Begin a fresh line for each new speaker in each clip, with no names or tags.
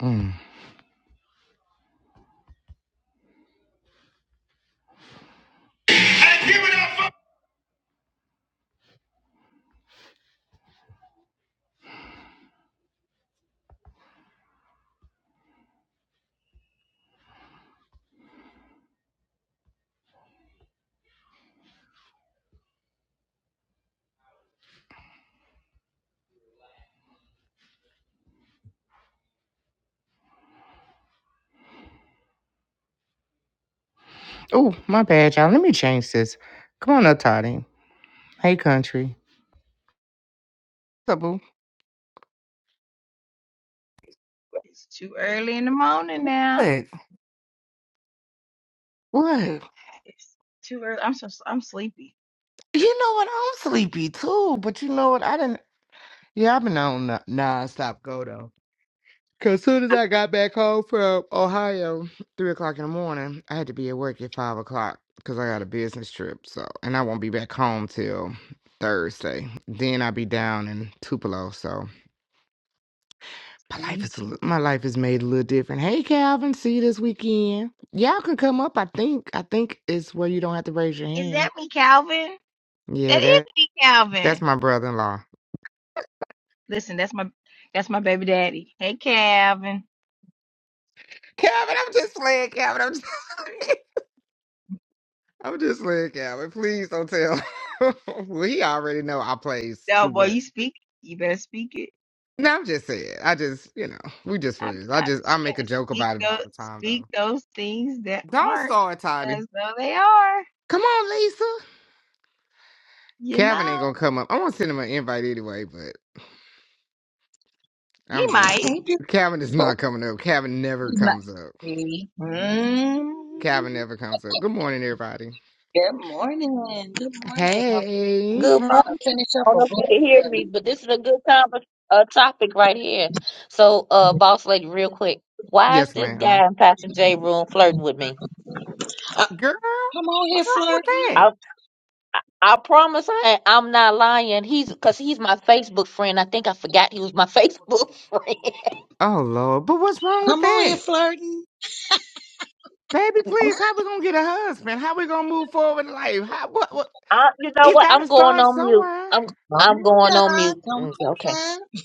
Mm. Oh, my bad, y'all. Let me change this. Come on up, Toddy. Hey, country. What's up, boo?
It's too early in the morning now.
What? What?
It's too early. I'm so I'm sleepy.
You know what? I'm sleepy too, but you know what? I didn't. Yeah, I've been on n- non go though. Cause soon as I got back home from Ohio, three o'clock in the morning, I had to be at work at five o'clock because I got a business trip. So, and I won't be back home till Thursday. Then I'll be down in Tupelo. So. My life
Mm.
is a li- my life is made a little different. Hey, Calvin, see you this weekend. Y'all can come up. I think I think it's where you don't have to raise your
Is that
hand.
me, Calvin?
Yeah,
That is
that
me,
that's
Calvin.
my brother-in-law.
Listen, that's my that's my baby daddy. Hey, Calvin.
Calvin, I'm just playing. Calvin, I'm just I'm just playing. Calvin, please don't tell. well, he already know I plays
No,
too
boy, you
much.
speak. You better speak it.
No, I'm just saying. I just you know we just
I'm,
friends. I
I'm
just I
saying
make a joke
speak
about it all
those
the time
speak
though.
those things that
Don't
aren't
start, Toddy.
as though they are.
Come on, Lisa.
You
Calvin
know,
ain't gonna come up. I want to send him an invite anyway, but.
he
I'm just
might.
Hey,
Calvin is
beautiful.
not coming up. Calvin never
He's not
comes up.
me.
Calvin
Mm.
never comes up. Good morning, everybody.
Good morning. Good morning. I'm
Hey.
Good morning.
trying to finish up
I don't
a
know if you
book
can hear me,
study.
but this is a good time uh, topic right here. So, uh, boss lady, real quick, why is
Yes,
this
ma'am.
guy in Pastor J room flirting with me?
Uh,
Girl,
come on here,
what's wrong with
flirting.
that?
I I I promise I ain't- I'm not lying. He's because he's my Facebook friend. I think I forgot he was my Facebook friend.
Oh Lord, but what's wrong with
Come on here,
that?
flirting.
Baby, please, how we gonna get a husband? How we gonna move forward in life? How what, what
I, you know
it's
what?
gotta
I'm going
start
on mute.
somewhere.
I'm
Come
I'm
on
going on
now.
mute.
Come
Mm,
on
Okay,
now.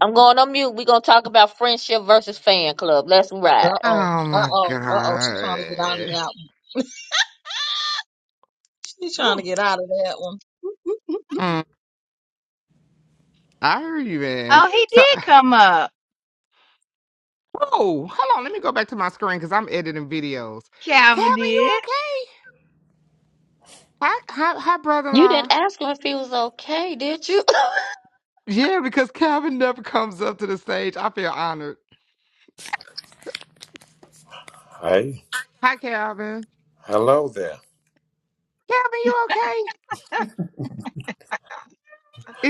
I'm going on mute. We're gonna talk about friendship versus fan club. Let's
Uh
ride.
oh.
Oh
Uh
my
oh. Uh oh. She's trying to get out of
God.
that one. She's trying to
Woo.
get out of that one.
Mm, I hear you, man.
Oh, he
So
did come up.
Oh, hold on. Let me go back to my screen because I'm editing videos.
Calvin
Calvin, you
did.
okay? Hi, hi, hi,
You
brother-in-law.
didn't ask him if he was okay, did you?
Yeah, because Calvin never comes up to the stage. I feel honored.
Hey,
Hi, Calvin.
hello there.
Calvin, you okay?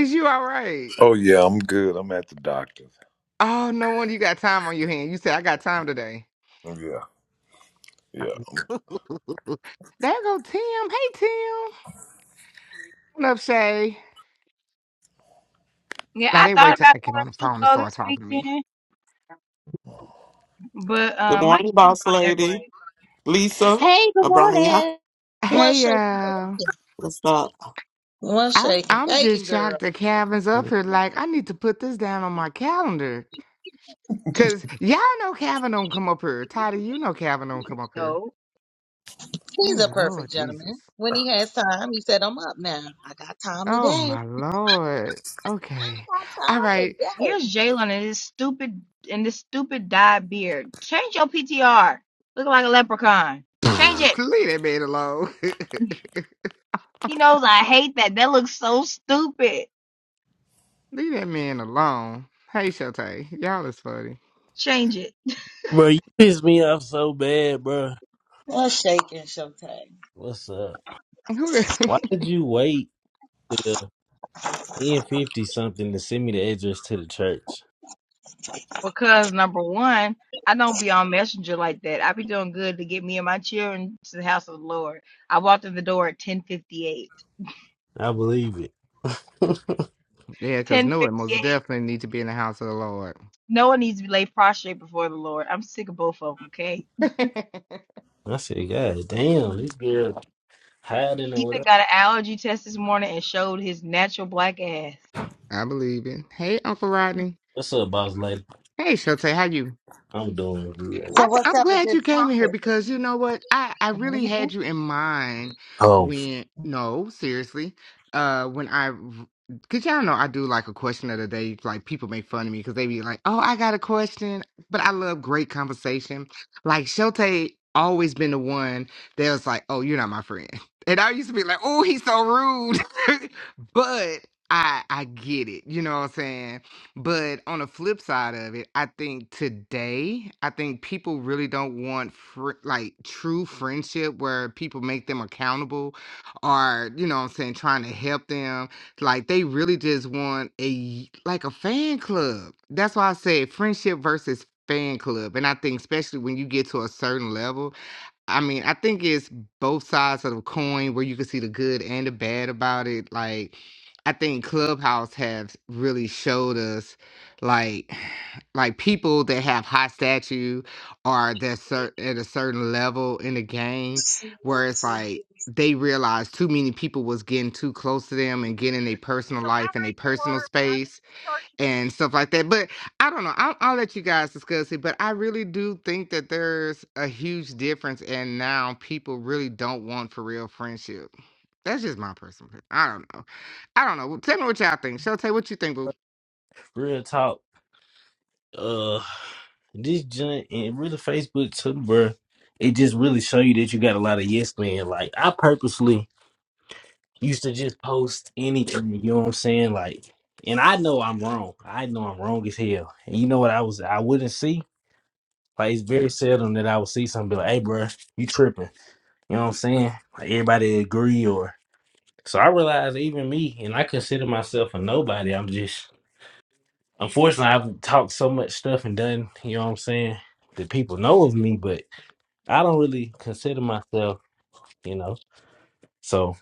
Is you all right?
Oh yeah, I'm good. I'm at the doctor's.
Oh, no wonder you got time on your hand. You said I got time today.
Yeah, yeah.
There go Tim. Hey, Tim. What up, Shay?
Yeah,
Now
I
they wait
thought
till
about
I get
coming
on
up
the
to
phone and
Football
start
this
talking to
weekend.
me.
But
Good
uh, my
morning,
kids
boss
don't act
lady.
right
Lisa,
hey, good
Abranya.
morning.
One
Hey,
shaking,
y'all.
bacon.
What's up?
One
I'm
shaking,
I'm just
bacon, girl.
shocked that Calvin's up here. Like I need to put this down on my calendar. Cause y'all know Calvin don't come up here. Toddy, you know Calvin don't come up here.
though.
He's
Oh
a
Lord
perfect
Jesus.
gentleman. When he has time, he said, I'm up now. I got time
Oh
today.
my Lord. Okay.
got
All
time
right.
today.
Here's Jalen and his stupid and this stupid dyed beard. Change your PTR. Look like a leprechaun. Change it.
Leave that man alone.
He knows I hate that. That looks so stupid.
Leave that man alone. Hey Shotay. Y'all is funny.
Change it.
Bro, you pissed me off so bad, bro.
Well, shaking sometimes.
What's up? Why did you wait till ten fifty something to send me the address to the church?
Because number one, I don't be on Messenger like that. I be doing good to get me and my children to the house of the Lord. I walked in the door at ten fifty eight.
I believe it.
yeah, cause
Ten
Noah
fifty
most
eight.
definitely need to be in the house of the Lord.
No one needs to be laid prostrate before the Lord. I'm sick of both of them. Okay.
I said, God damn, this girl hiding or
Ethan
whatever.
got an allergy test this morning and showed his natural black ass.
I believe it. Hey Uncle Rodney.
What's up, boss lady?
Hey Shotay, how you?
I'm doing good. Man.
So
I th-
what's
I'm
up with
glad you
this
came in here
topic?
because you know what? I, I really
Mhm.
had you in mind
Oh, f-
when, no, seriously, uh, when I, because y'all know I do like a question of the day. Like people make fun of me because they be like, oh, I got a question. But I love great conversation. Like Shote always been the one that was like, oh, you're not my friend. And I used to be like, oh, he's so rude. but I, I get it. You know what I'm saying? But on the flip side of it, I think today, I think people really don't want fr- like true friendship where people make them accountable or, you know what I'm saying, trying to help them. Like they really just want a like a fan club. That's why I said friendship versus fan club. And I think especially when you get to a certain level, I mean, I think it's both sides of the coin where you can see the good and the bad about it. Like, I think Clubhouse has really showed us, like, like people that have high statue or that cer- at a certain level in the game, where it's like they realized too many people was getting too close to them and getting their personal
So I
life and their
drank your
personal
water, but I
space
just charged
and stuff like that. But I don't know. I'll, I'll let you guys discuss it. But I really do think that there's a huge difference, and now people really don't want for real friendship. That's just my personal. opinion. I don't know. I don't know. well, Tell me what y'all think. Shote. what you think, boo?
real talk. Uh, this junk and really Facebook too, bro. It just really show you that you got a lot of yes men. Like I purposely used to just post anything, you know what I'm saying? Like, and I know I'm wrong. I know I'm wrong as hell. And you know what I was I wouldn't see? Like it's very seldom that I would see something be like, hey bro, you tripping. You know what I'm saying? Like everybody agree or so I realized even me and I consider myself a nobody. I'm just unfortunately I've talked so much stuff and done, you know what I'm saying, that people know of me, but I don't really consider myself, you know. So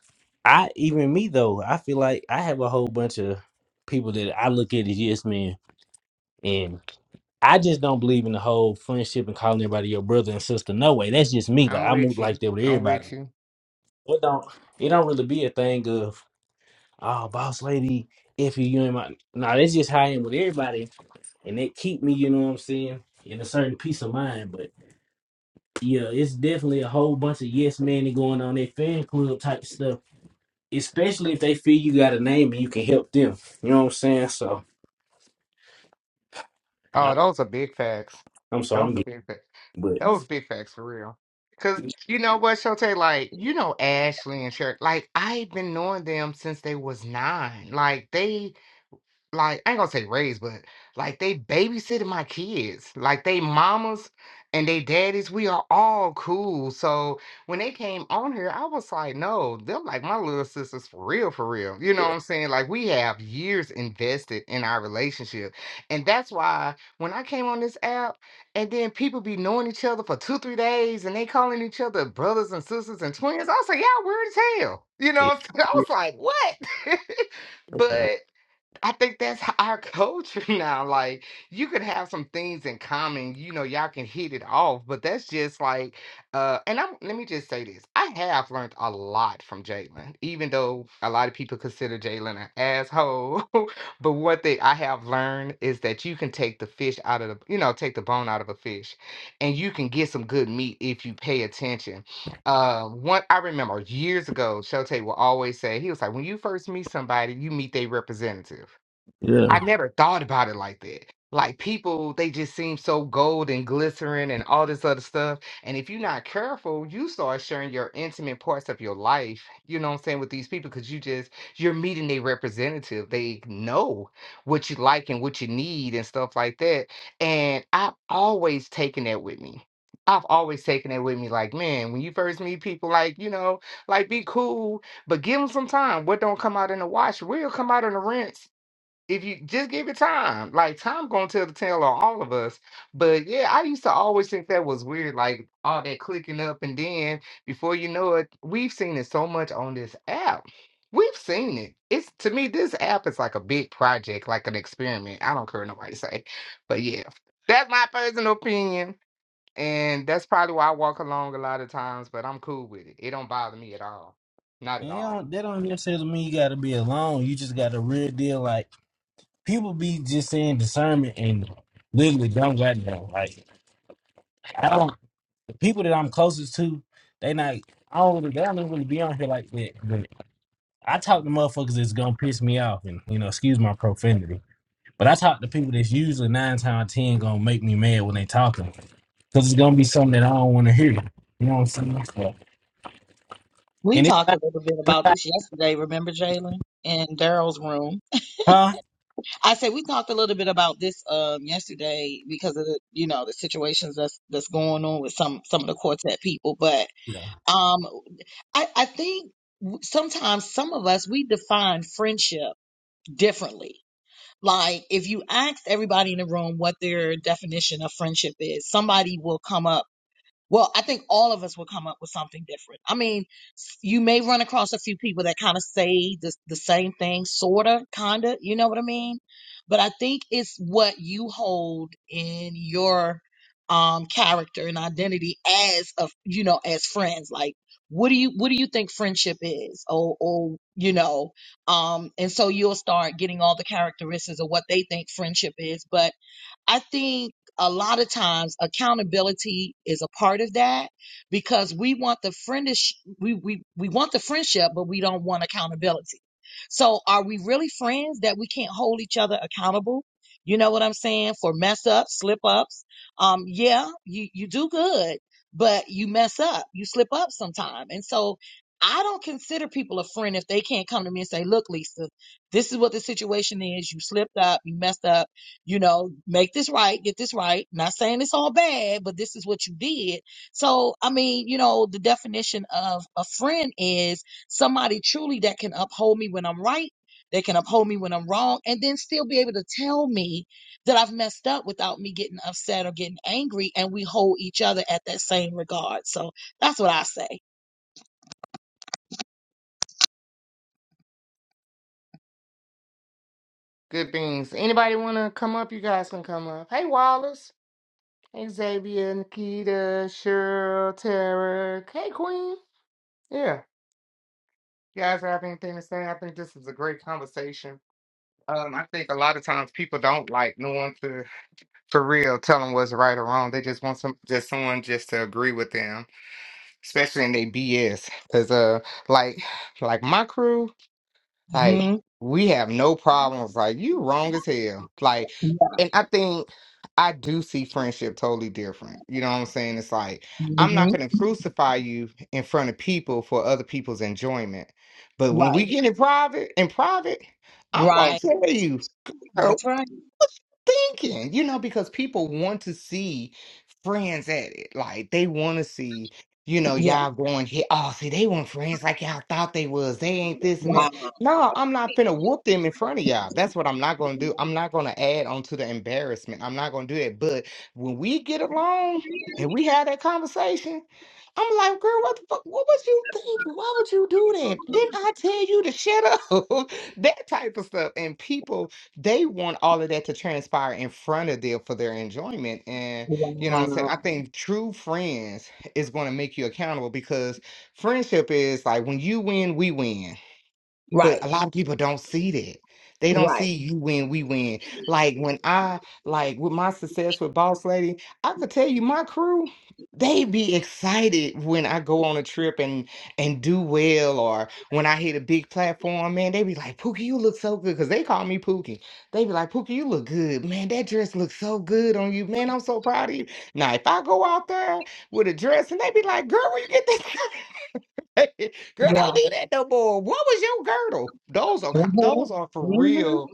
I even me though, I feel like I have a whole bunch of people that I look at as yes men. And I just don't believe in the whole friendship and calling everybody your brother and sister. No way. That's just me. Like
I'm
I move
with you.
like that with
I'm
everybody.
with you.
It don't it don't really be a thing of oh boss lady, if you you in my no, that's just how I am with everybody and it keep me, you know what I'm saying, in a certain peace of mind. But yeah, it's definitely a whole bunch of yes men going on that fan club type stuff especially if they feel you got a name and you can help them. You know what I'm saying? So I'm,
Oh, those are big facts.
I'm sorry,
Those
I'm
are
getting,
big facts.
but
Those big facts for real. Cause you know what, Shote? like, you know Ashley and Cher, like I've been knowing them since they was nine. Like they like I ain't gonna say raised, but like they babysitted my kids. Like they mamas and they daddies, we are all cool. So when they came on here, I was like, no, they're like my little sisters for real, for real. You know
yeah,
what I'm saying? Like we have years invested in our relationship. And that's why when I came on this app and then people be knowing each other for two, three days and they calling each other brothers and sisters and twins, I was like, yeah, weird as hell. You know, I
yeah,
was like, what? but I think that's h- our culture now. Like, you could have some things in common, you know, y'all can hit it off, but that's just like, uh, and I'm, let me just say this. I have learned a lot from Jalen, even though a lot of people consider Jalen an asshole. but one thing I have learned is that you can take the fish out of the, you know, take the bone out of a fish and you can get some good meat if you pay attention. Uh, one, I remember years ago, Shote will always say, he was like, when you first meet somebody, you meet their representative.
yeah.
I never thought about it like that. Like people, they just seem so gold and glycerin and all this other stuff. And if you're not careful, you start sharing your intimate parts of your life, you know what I'm saying, with these people because you just you're meeting a representative. They know what you like and what you need and stuff like that. And I've always taken that with me. I've always taken that with me. Like, man, when you first meet people, like, you know, like be cool, but give them some time. What don't come out in the wash will come out in the rinse if you just give it time, like time gonna tell the tale on all of us. But yeah, I used to always think that was weird, like all that clicking up, and then before you know it, we've seen it so much on this app. We've seen it. It's to me, this app is like a big project, like an experiment. I don't care what nobody say, but yeah, that's my personal opinion, and that's probably why I walk along a lot of times. But I'm cool with it. It don't bother me at all, not at
And they
all.
don't, that don't necessarily mean you got to be alone. You just got a real deal. Like people be just saying discernment and literally don't got no. Like I don't. The people that I'm closest to, they not. I don't. really, They don't really be on here like that. But I talk to motherfuckers that's gonna piss me off, and you know, excuse my profanity. But I talk to people that's usually nine times out of ten gonna make me mad when they talking. because it's gonna be something that I don't want to hear. You know what I'm saying? So,
We
and it's
talked
not,
a little bit
it's
about
not
this yesterday. Remember, Jalen in Daryl's room.
huh?
I said we talked a little bit about this um yesterday because of the you know the situations that's that's going on with some some of the quartet people. But um, I I think w- sometimes some of us we define friendship differently. Like, if you ask everybody in the room what their definition of friendship is, somebody will come up well, I think all of us will come up with something different. I mean, s- you may run across a few people that kind of say the, the same thing, sort of, kind of, you know what I mean? But I think it's what you hold in your um character and identity as a, you know, as friends. Like, what do you what do you think friendship is? Or or you know, um and so you'll start getting all the characteristics of what they think friendship is, but I think a lot of times accountability is a part of that because we want the friendish we, we we want the friendship but we don't want accountability. So are we really friends that we can't hold each other accountable? You know what I'm saying? For mess ups, slip ups. Um yeah, you you do good, but you mess up. You slip up sometime. And so I don't consider people a friend if they can't come to me and say, "Look, Lisa, this is what the situation is. You slipped up, you messed up you know, make this right, get this right. Not saying it's all bad, but this is what you did. So, I mean, you know, the definition of a friend is somebody truly that can uphold me when I'm right, they can uphold me when I'm wrong, and then still be able to tell me that I've messed up without me getting upset or getting angry. And we hold each other at that same regard. So that's what I say.
Good things. Anybody wanna come up? You guys can come up. Hey, Wallace. Hey, Xavier, Nikita, Cheryl, Tara. Hey, Queen. Yeah. You guys have anything to say? I think this is a great conversation. Um, I think a lot of times people don't like no one to for real tell them what's right or wrong. They just want some just someone just to agree with them, especially in their BS. Cause uh, like like my crew. Like
hmm
we have no problems. Like you wrong as hell. Like, and I think I do see friendship totally different. You know what I'm saying? It's like I'm not
hmm
gonna crucify you in front of people for other people's enjoyment. But when we
Right.
get in private, in private, I'm gonna
Right.
tell you
That's right.
thinking, you know, because people want to see friends at it. Like they want to see, you know,
Yeah.
y'all going here. Oh, see, they want friends like y'all thought they was. They ain't this and
Wow.
that. No, I'm not finna whoop them in front of y'all. That's what I'm not gonna do. I'm not gonna add on to the embarrassment. I'm not gonna do that. But when we get along and we have that conversation, I'm like, girl, what the fuck? What was you thinking? Why would you do that? Didn't I tell you to shut up? that type of stuff. And people they want all of that to transpire in front of them for their enjoyment. And you know what I'm Right. saying?
Wow.
I think true friends is going to make you accountable because friendship is like when you win, we win. But
Right.
a lot of people don't see that. They don't
Right.
see you win, we win. Like when I like with my success with Boss Lady, I could tell you my crew, they be excited when I go on a trip and and do well or when I hit a big platform, man, they be like, Pookie, you look so good. Cause they call me Pookie. They be like, Pookie, you look good. Man, that dress looks so good on you. Man, I'm so proud of you. Now if I go out there with a dress and they be like, girl, where you get this? Girl, don't
Yeah.
do that no more. What was your girdle? Those are co- those are
Mm-hmm.
for
Mm-hmm.
real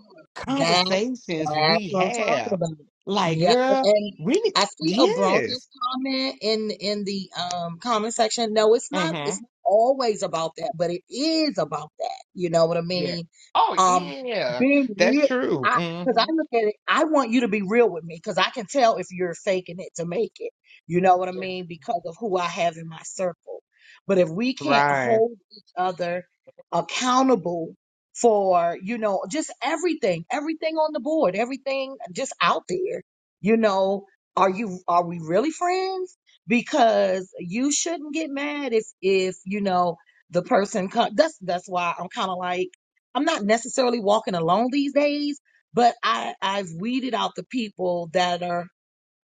That,
conversations
that's
we
what I'm talking
have.
about.
Like,
Yeah.
girl,
And
we need
I see Obronia's
yes.
comment in in the um comment section. No, it's not
Mm-hmm.
it's not always about that, but it is about that. You know what I
Yeah.
mean?
Oh
Um
yeah.
being
That's
real
true.
I because
Mm-hmm.
I look at it, I want you to be real with me because I can tell if you're faking it to make it. You know what I
Yeah.
mean? Because of who I have in my circle. But if we can't
Right.
hold each other accountable for you know just everything everything on the board everything just out there you know are you are we really friends because you shouldn't get mad if if you know the person co- that's that's why i'm kind of like i'm not necessarily walking alone these days but i i've weeded out the people that are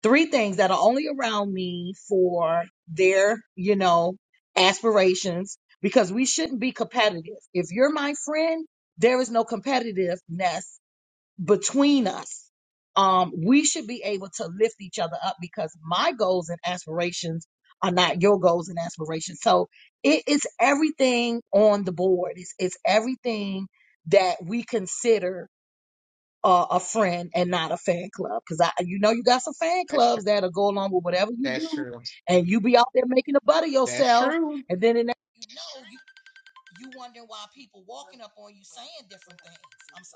three things that are only around me for their, you know, aspirations because we shouldn't be competitive. If you're my friend, there is no competitiveness between us. Um, we should be able to lift each other up because my goals and aspirations are not your goals and aspirations. So it is everything on the board. It's, it's everything that we consider uh, a friend and not a fan club. Cause I, you know, you got some fan
That's true.
clubs that'll go along with whatever you
That's
do,
true.
and you be out there making a butt of
That's
yourself,
true.
and then in that you know you you wondering why people walking up on you saying different things.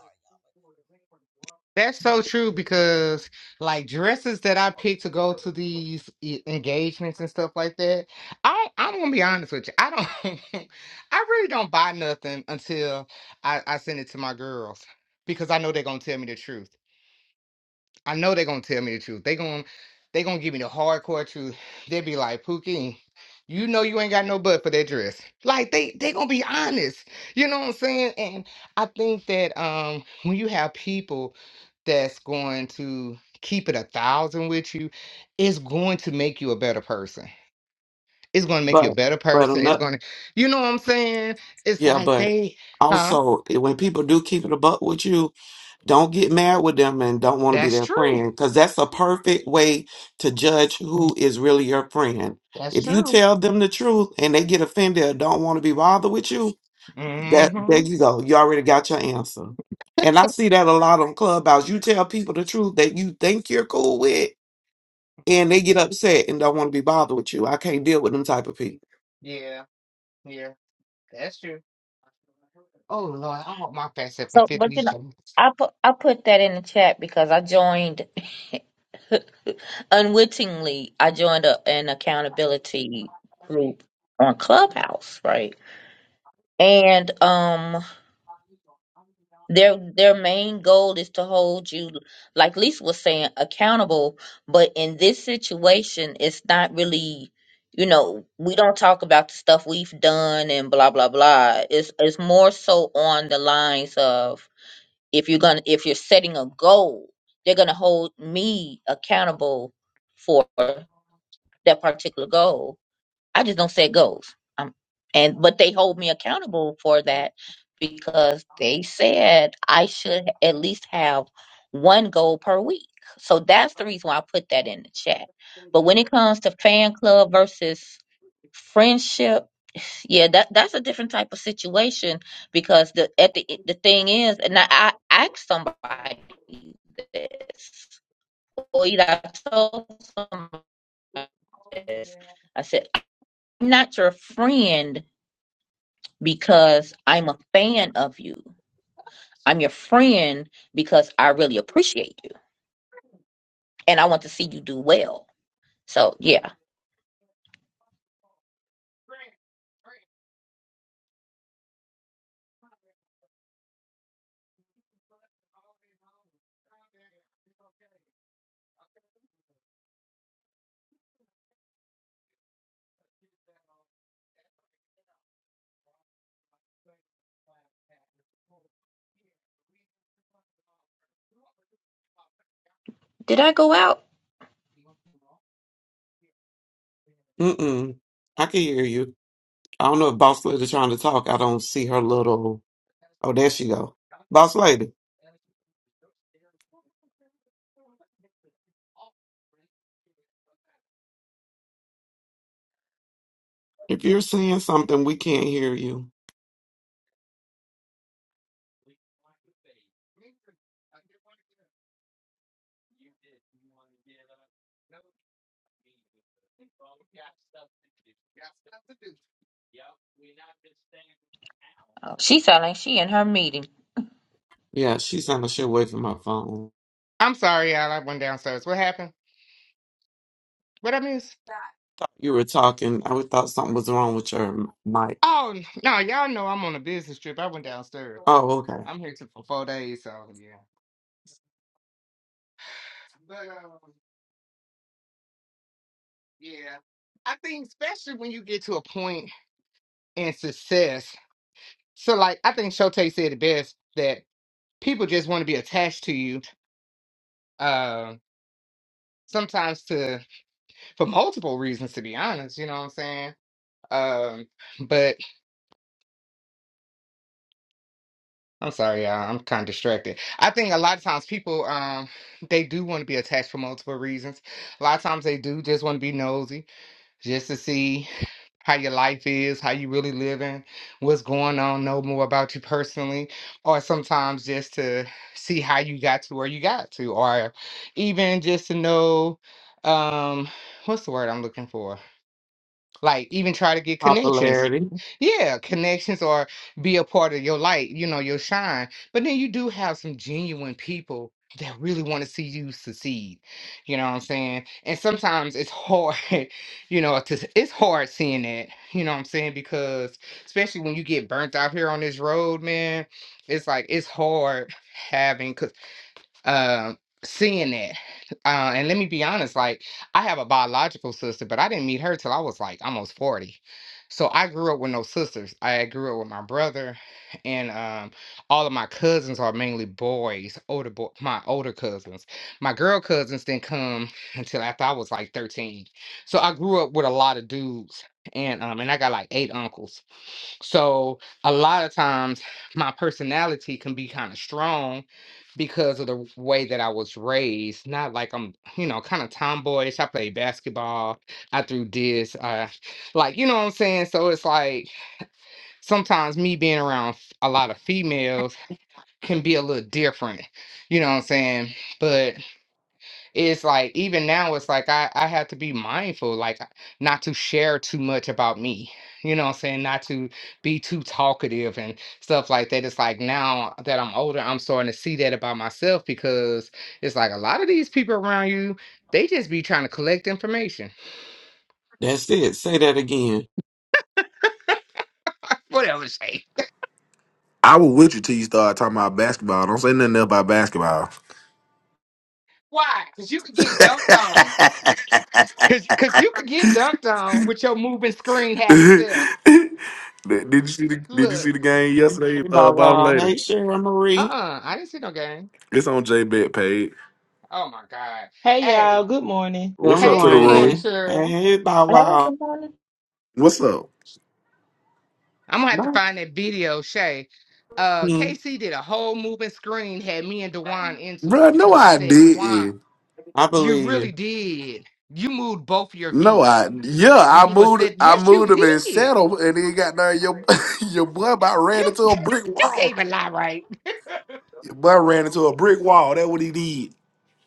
That's so true because like dresses that I pick to go to these e- engagements and stuff like that, I I'm gonna be honest with you. I don't I really don't buy nothing until I, I send it to my girls because I know they're gonna tell me the truth. I know they're gonna tell me the truth. They gonna they gonna give me the hardcore truth. They be like, Pookie, you know you ain't got no butt for that dress. Like they they gonna be honest. You know what I'm saying? And I think that um when you have people that's going to keep it a thousand with you, it's going to make you a better person. It's gonna make you a
But,
better
but I'm
person. It's
not,
gonna, you know what I'm saying? It's
yeah,
like
but
they, huh?
also eh, when people do keep it a buck with you, don't get mad with them and don't want to be
That's
their
true.
friend because that's a perfect way to judge who is really your friend.
That's
If you
true.
tell them the truth and they get offended or don't want to be bothered with you, that there
hmm
you go. You already got your answer. And I see that a lot on Clubhouse. You tell people the truth that you think you're cool with and they get upset and don't want to be bothered with you. I can't deal with them type of people.
Yeah. Yeah. That's true. Oh Lord, I hope my fat self can
So,
fit
but you
these
know,
jeans.
I put I put that in the chat because I joined unwittingly. I joined a, an accountability group on Clubhouse, right? And um, their their main goal is to hold you, like Lisa was saying, accountable. But in this situation, it's not really. You know, we don't talk about the stuff we've done and blah blah blah. It's it's more so on the lines of if you're gonna if you're setting a goal they're gonna hold me accountable for that particular goal I just don't set goals. Um, and but they hold me accountable for that because they said I should at least have one goal per week. So that's the reason why I put that in the chat. But when it comes to fan club versus friendship, yeah, that that's a different type of situation because the at the the thing is, and I, I asked somebody this, or either I told somebody this. I said. I'm not your friend because I'm a fan of you. I'm your friend because I really appreciate you and I want to see you do well. So, yeah. Did I go out?
Mm-mm. I can hear you. I don't know if Boss Lady trying to talk. I don't see her little. Oh, there she go. Boss Lady, if you're saying something, we can't hear you.
Oh, she sound like she in her meeting.
Yeah, she sounded shit away from my phone.
I'm sorry, y'all. I went downstairs. What happened? What I miss?
You were talking. I would thought something was wrong with your mic.
Oh no, y'all know I'm on a business trip. I went downstairs.
Oh, okay.
I'm here till- for four days, so yeah. But um, Yeah. I think especially when you get to a point in success. So like I think Shotay said it best that people just want to be attached to you. Um sometimes to for multiple reasons to be honest, you know what I'm saying? Um but I'm sorry y'all, I'm kind of distracted. I think a lot of times people um they do want to be attached for multiple reasons. A lot of times they do just want to be nosy just to see how your life is, how you really living, what's going on, know more about you personally, or sometimes just to see how you got to where you got to, or even just to know um what's the word I'm looking for? Like even try to get connections.
Popularity.
Yeah, connections or be a part of your light, you know, your shine. But then you do have some genuine people that really want to see you succeed. You know what I'm saying? And sometimes it's hard, you know, to, it's hard seeing that, you know what I'm saying? Because especially when you get burnt out here on this road, man, it's like it's hard having because uh, seeing it. Uh, and let me be honest, like I have a biological sister, but I didn't meet her till I was like almost 40. So I grew up with no sisters. I grew up with my brother, and um, all of my cousins are mainly boys, older boy, my older cousins. My girl cousins didn't come until after I was like 13. So I grew up with a lot of dudes, and um, and I got like eight uncles. So a lot of times my personality can be kind of strong because of the way that I was raised. Not like I'm, you know, kind of tomboyish. I played basketball. I threw this. Uh, like, you know what I'm saying? So it's like sometimes me being around f- a lot of females can be a little different. You know what I'm saying? But it's like even now it's like I, I have to be mindful like not to share too much about me you know what i'm saying not to be too talkative and stuff like that it's like now that i'm older i'm starting to see that about myself because it's like a lot of these people around you they just be trying to collect information
That's it. Say that again.
whatever say
I was with you till you started talking about basketball. Don't say nothing else about basketball.
why because you could get dunked on because because you could get dunked on with your moving screen having
did
self
did you see the Did you
look
see the game yesterday?
Hey, Bow
Uh, ball
Wow. Hey,
later.
Sharon Marie.
uh-uh i didn't see no game
It's on J Bet page.
oh my god
Hey
Hey,
y'all, good morning.
What's
Good
up
Hey,
to the
good morning,
room?
morning.
Cheryl.
Hey, Bow Wow.
What's up,
I'm gonna have to
no.
find that video, Shay. Uh,
Hmm.
KC did a whole moving screen, had me and Dewan into
bro?
it
No,
because I
I
said, Dewan,
didn't.
I
you
believe you.
really did. You moved both your
No,
feet
I
when
yeah, I
you were
moved.
said,
I
yes, you
moved him and
did.
settled, and then got there. Your your boy about ran
You
into a brick
you can't
wall.
even lie, right?
Your boy ran
I
into a brick wall. That's what he did.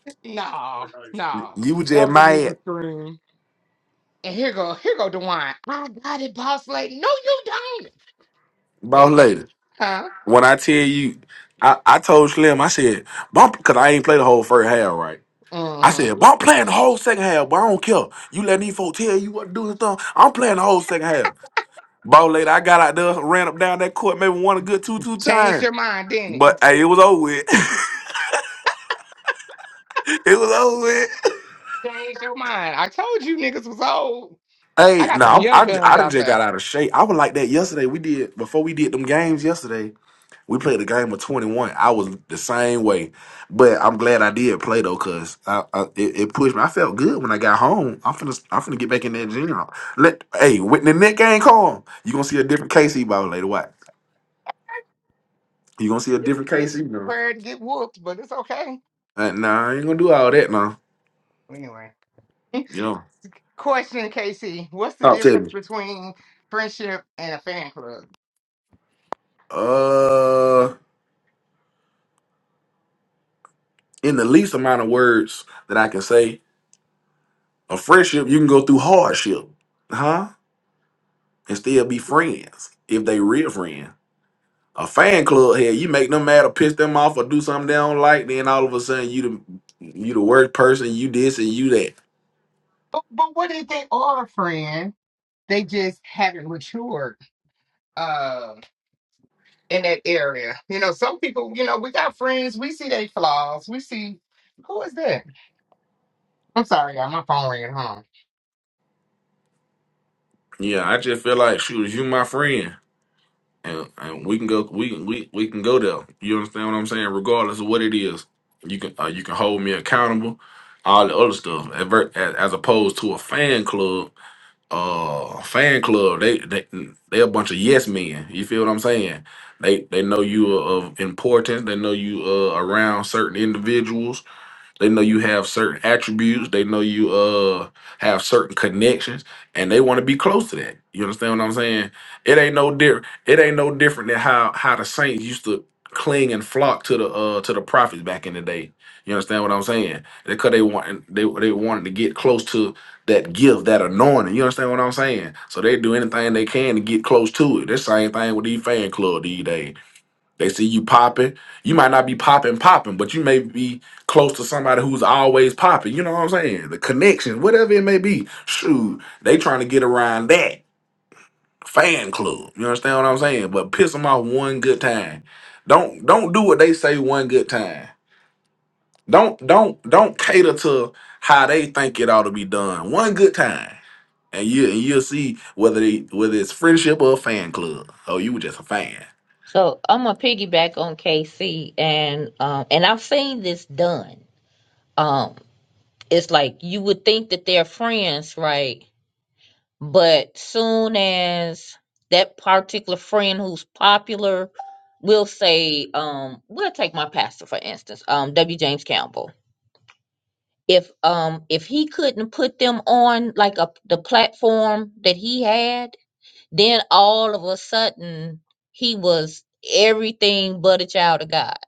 no,
was
no,
You was
surprised.
that
just
was a moving
mad.
screen. And here go, here go, Dewan. I got it, boss lady. No, you don't,
Ball later.
KC. Huh?
When I tell you, I, I told Slim, I said, bump, because I ain't played the whole first half, right?
Uh
I
huh. Mm-hmm.
said, but I'm playing the whole second half, but I don't care. You let these folks tell you what to do and stuff. I'm playing the whole second half. Ball later, I got out there, ran up down that court, maybe won a good two, two
Changed
times.
your mind, didn't it?
But hey, it was over with. it was over with.
Change your mind. I told you niggas was old. I
Hey,
got some
no,
young
I, I, I
guns
done
out
just
there.
got out of shape. I was like that yesterday. We did, before we did them games yesterday, We played a game of 21. I was the same way, but I'm glad I did play though, cause I, I it, it pushed me. I felt good when I got home. I'm finna I'm finna get back in that gym. Let hey when the next game come, you gonna see a different KC ball later. What? You gonna see a different
Bitch,
KC now?
prepared to get whooped, but it's okay.
Uh, nah, I ain't gonna do all that now.
Anyway,
You know,
question, Casey. What's the
stop telling
difference
me.
between friendship and a fan club?
Uh, in the least amount of words that I can say, a friendship you can go through hardship, huh? And still be
But,
friends if they real friends. a fan club here, you make them mad or piss them off or do something they don't like, then all of a sudden you the you the worst person, you this and you that.
but what if they are a friend? They just haven't matured um, in that area. You know, some people, you know, we got friends, we see their flaws, we see. Who is that? I'm sorry, y'all. My phone ringing. Hold on.
Yeah, I just feel like shoot, you my friend, and and we can go, we can we we can go there. You understand what I'm saying? Regardless of what it is, you can uh, you can hold me accountable, all the other stuff. Adver- As, as opposed to a fan club uh fan club they they they a bunch of yes men you feel what i'm saying they they know you are of importance they know you uh around certain individuals they know you have certain attributes. They know you uh have certain connections, and they want to be close to that. You understand what I'm saying? It ain't no different. It ain't no different than how how the saints used to cling and flock to the uh to the prophets back in the day. You understand what I'm saying? Because they want they they wanted to get close to that gift, that anointing. You understand what I'm saying? So they do anything they can to get close to it. That's the same thing with these fan club these days. They see you popping. You might not be popping, popping, but you may be close to somebody who's always popping. You know what I'm saying? The connection, whatever it may be. Shoot, they trying to get around that fan club. You understand what I'm saying? But piss them off one good time. Don't don't do what they say one good time. Don't don't don't cater to how they think it ought to be done. One good time, and you and you'll see whether they whether it's friendship or a fan club. Oh, you were just a fan.
So I'm gonna piggyback on KC and um and I've seen this done. Um, it's like you would think that they're friends, right? But soon as that particular friend who's popular will say, um, we'll take my pastor for instance, um, W. James Campbell. If um if he couldn't put them on like a the platform that he had, then all of a sudden he was everything but a child of God.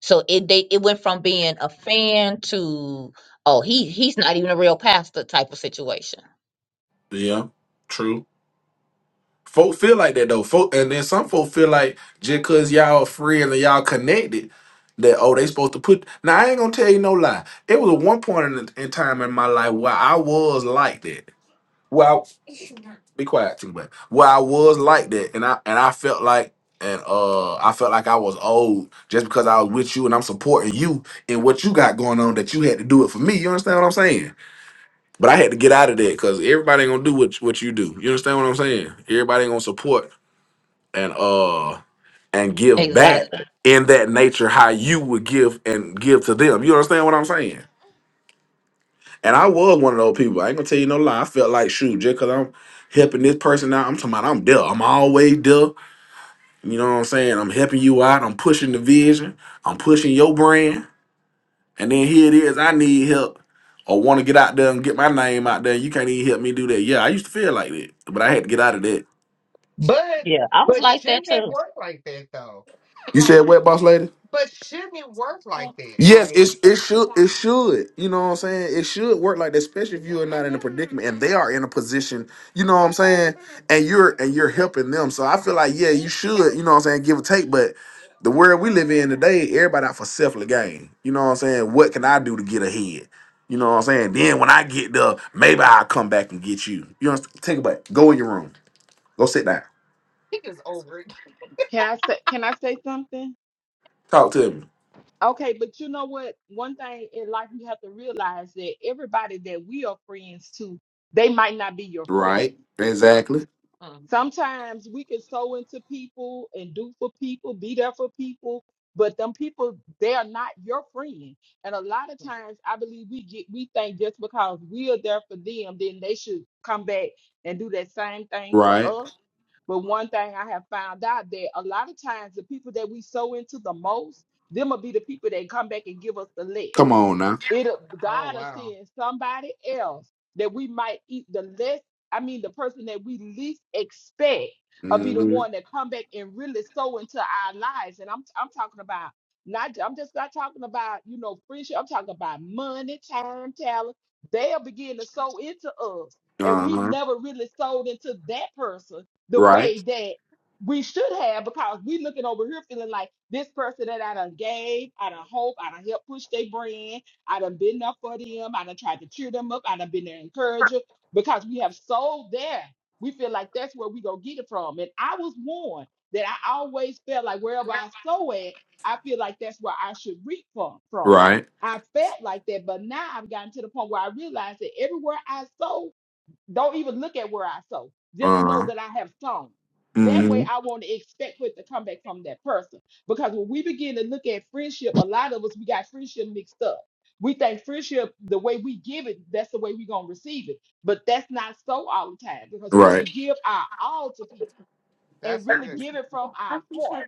So it they it went from being a fan to oh he he's not even a real pastor type of situation.
Yeah, true. Folk feel like that though. Folk, and then some folk feel like just cause y'all friends and y'all connected, that oh they supposed to put. Now I ain't gonna tell you no lie. It was a one point in, in time in my life where I was like that. Well, be quiet, too much. Where I was like that, and I and I felt like. And uh, I felt like I was old just because I was with you and I'm supporting you in what you got going on that you had to do it for me. You understand what I'm saying? But I had to get out of that because everybody ain't gonna do what what you do. You understand what I'm saying? Everybody ain't gonna support and uh and give back
Exactly.
in that nature how you would give and give to them. You understand what I'm saying? And I was one of those people. I ain't gonna tell you no lie. I felt like shoot, just cause I'm helping this person out, I'm talking about I'm there. I'm always there. You know what I'm saying? I'm helping you out. I'm pushing the vision. I'm pushing your brand. And then here it is. I need help or want to get out there and get my name out there. You can't even help me do that. Yeah, I used to feel like that, but I had to get out of that.
But
Yeah, I was
but
like that
shouldn't it
too.
work like that though?
You said
Like,
what, boss lady?
but shouldn't it work like that?
Yes,
Like,
it it should it should. You know what I'm saying? It should work like that, especially if you are not in a predicament and they are in a position, you know what I'm saying? And you're and you're helping them. So I feel like, yeah, you should, you know what I'm saying, give or take, but the world we live in today, everybody out for selfless gain. You know what I'm saying? What can I do to get ahead? You know what I'm saying? Then when I get there, maybe I'll come back and get you. You know, take a back. Go in your room. Go sit down.
he is over it.
Can I say can I say something?
Talk to me.
Okay, but you know what? One thing in life you have to realize that everybody that we are friends to, they might not be your friend.
Right. Exactly.
Um,
Sometimes we can sow into people and do for people, be there for people, but them people, they are not your friend. And a lot of times I believe we get we think just because we are there for them, then they should come back and do that same thing for
Right.
us But one thing I have found out that a lot of times the people that we sow into the most, them will be the people that come back and give us the less.
Come on now.
It
oh
God will
wow,
send somebody else that we might eat the less. I mean, the person that we least expect will be the
hmm
one that come back and really sow into our lives. And I'm I'm talking about not. I'm just not talking about you know friendship. I'm talking about money, time, talent. They'll begin to sow into us, and
Uh
we
huh.
never really sold into that person the
Right.
way that we should have because we looking over here feeling like this person that I done gave, I done hope, I done helped push their brand. I done been there for them. I done tried to cheer them up. I done been their encourager because we have sold there. We feel like that's where we go get it from. And I was warned that I always felt like wherever I sow at, I feel like that's where I should reap from. from.
Right.
I felt like that, but now I've gotten to the point where I realize that everywhere I sow. Don't even look at where I sow. Just know
Uh.
that I have sown. That way,
hmm
I want to expect what to come back from that person. Because when we begin to look at friendship, a lot of us we got friendship mixed up. We think friendship, the way we give it, that's the way we're gonna receive it. But that's not so all the time because we
Right.
can give our all to people and
that's
really
good.
give it from our heart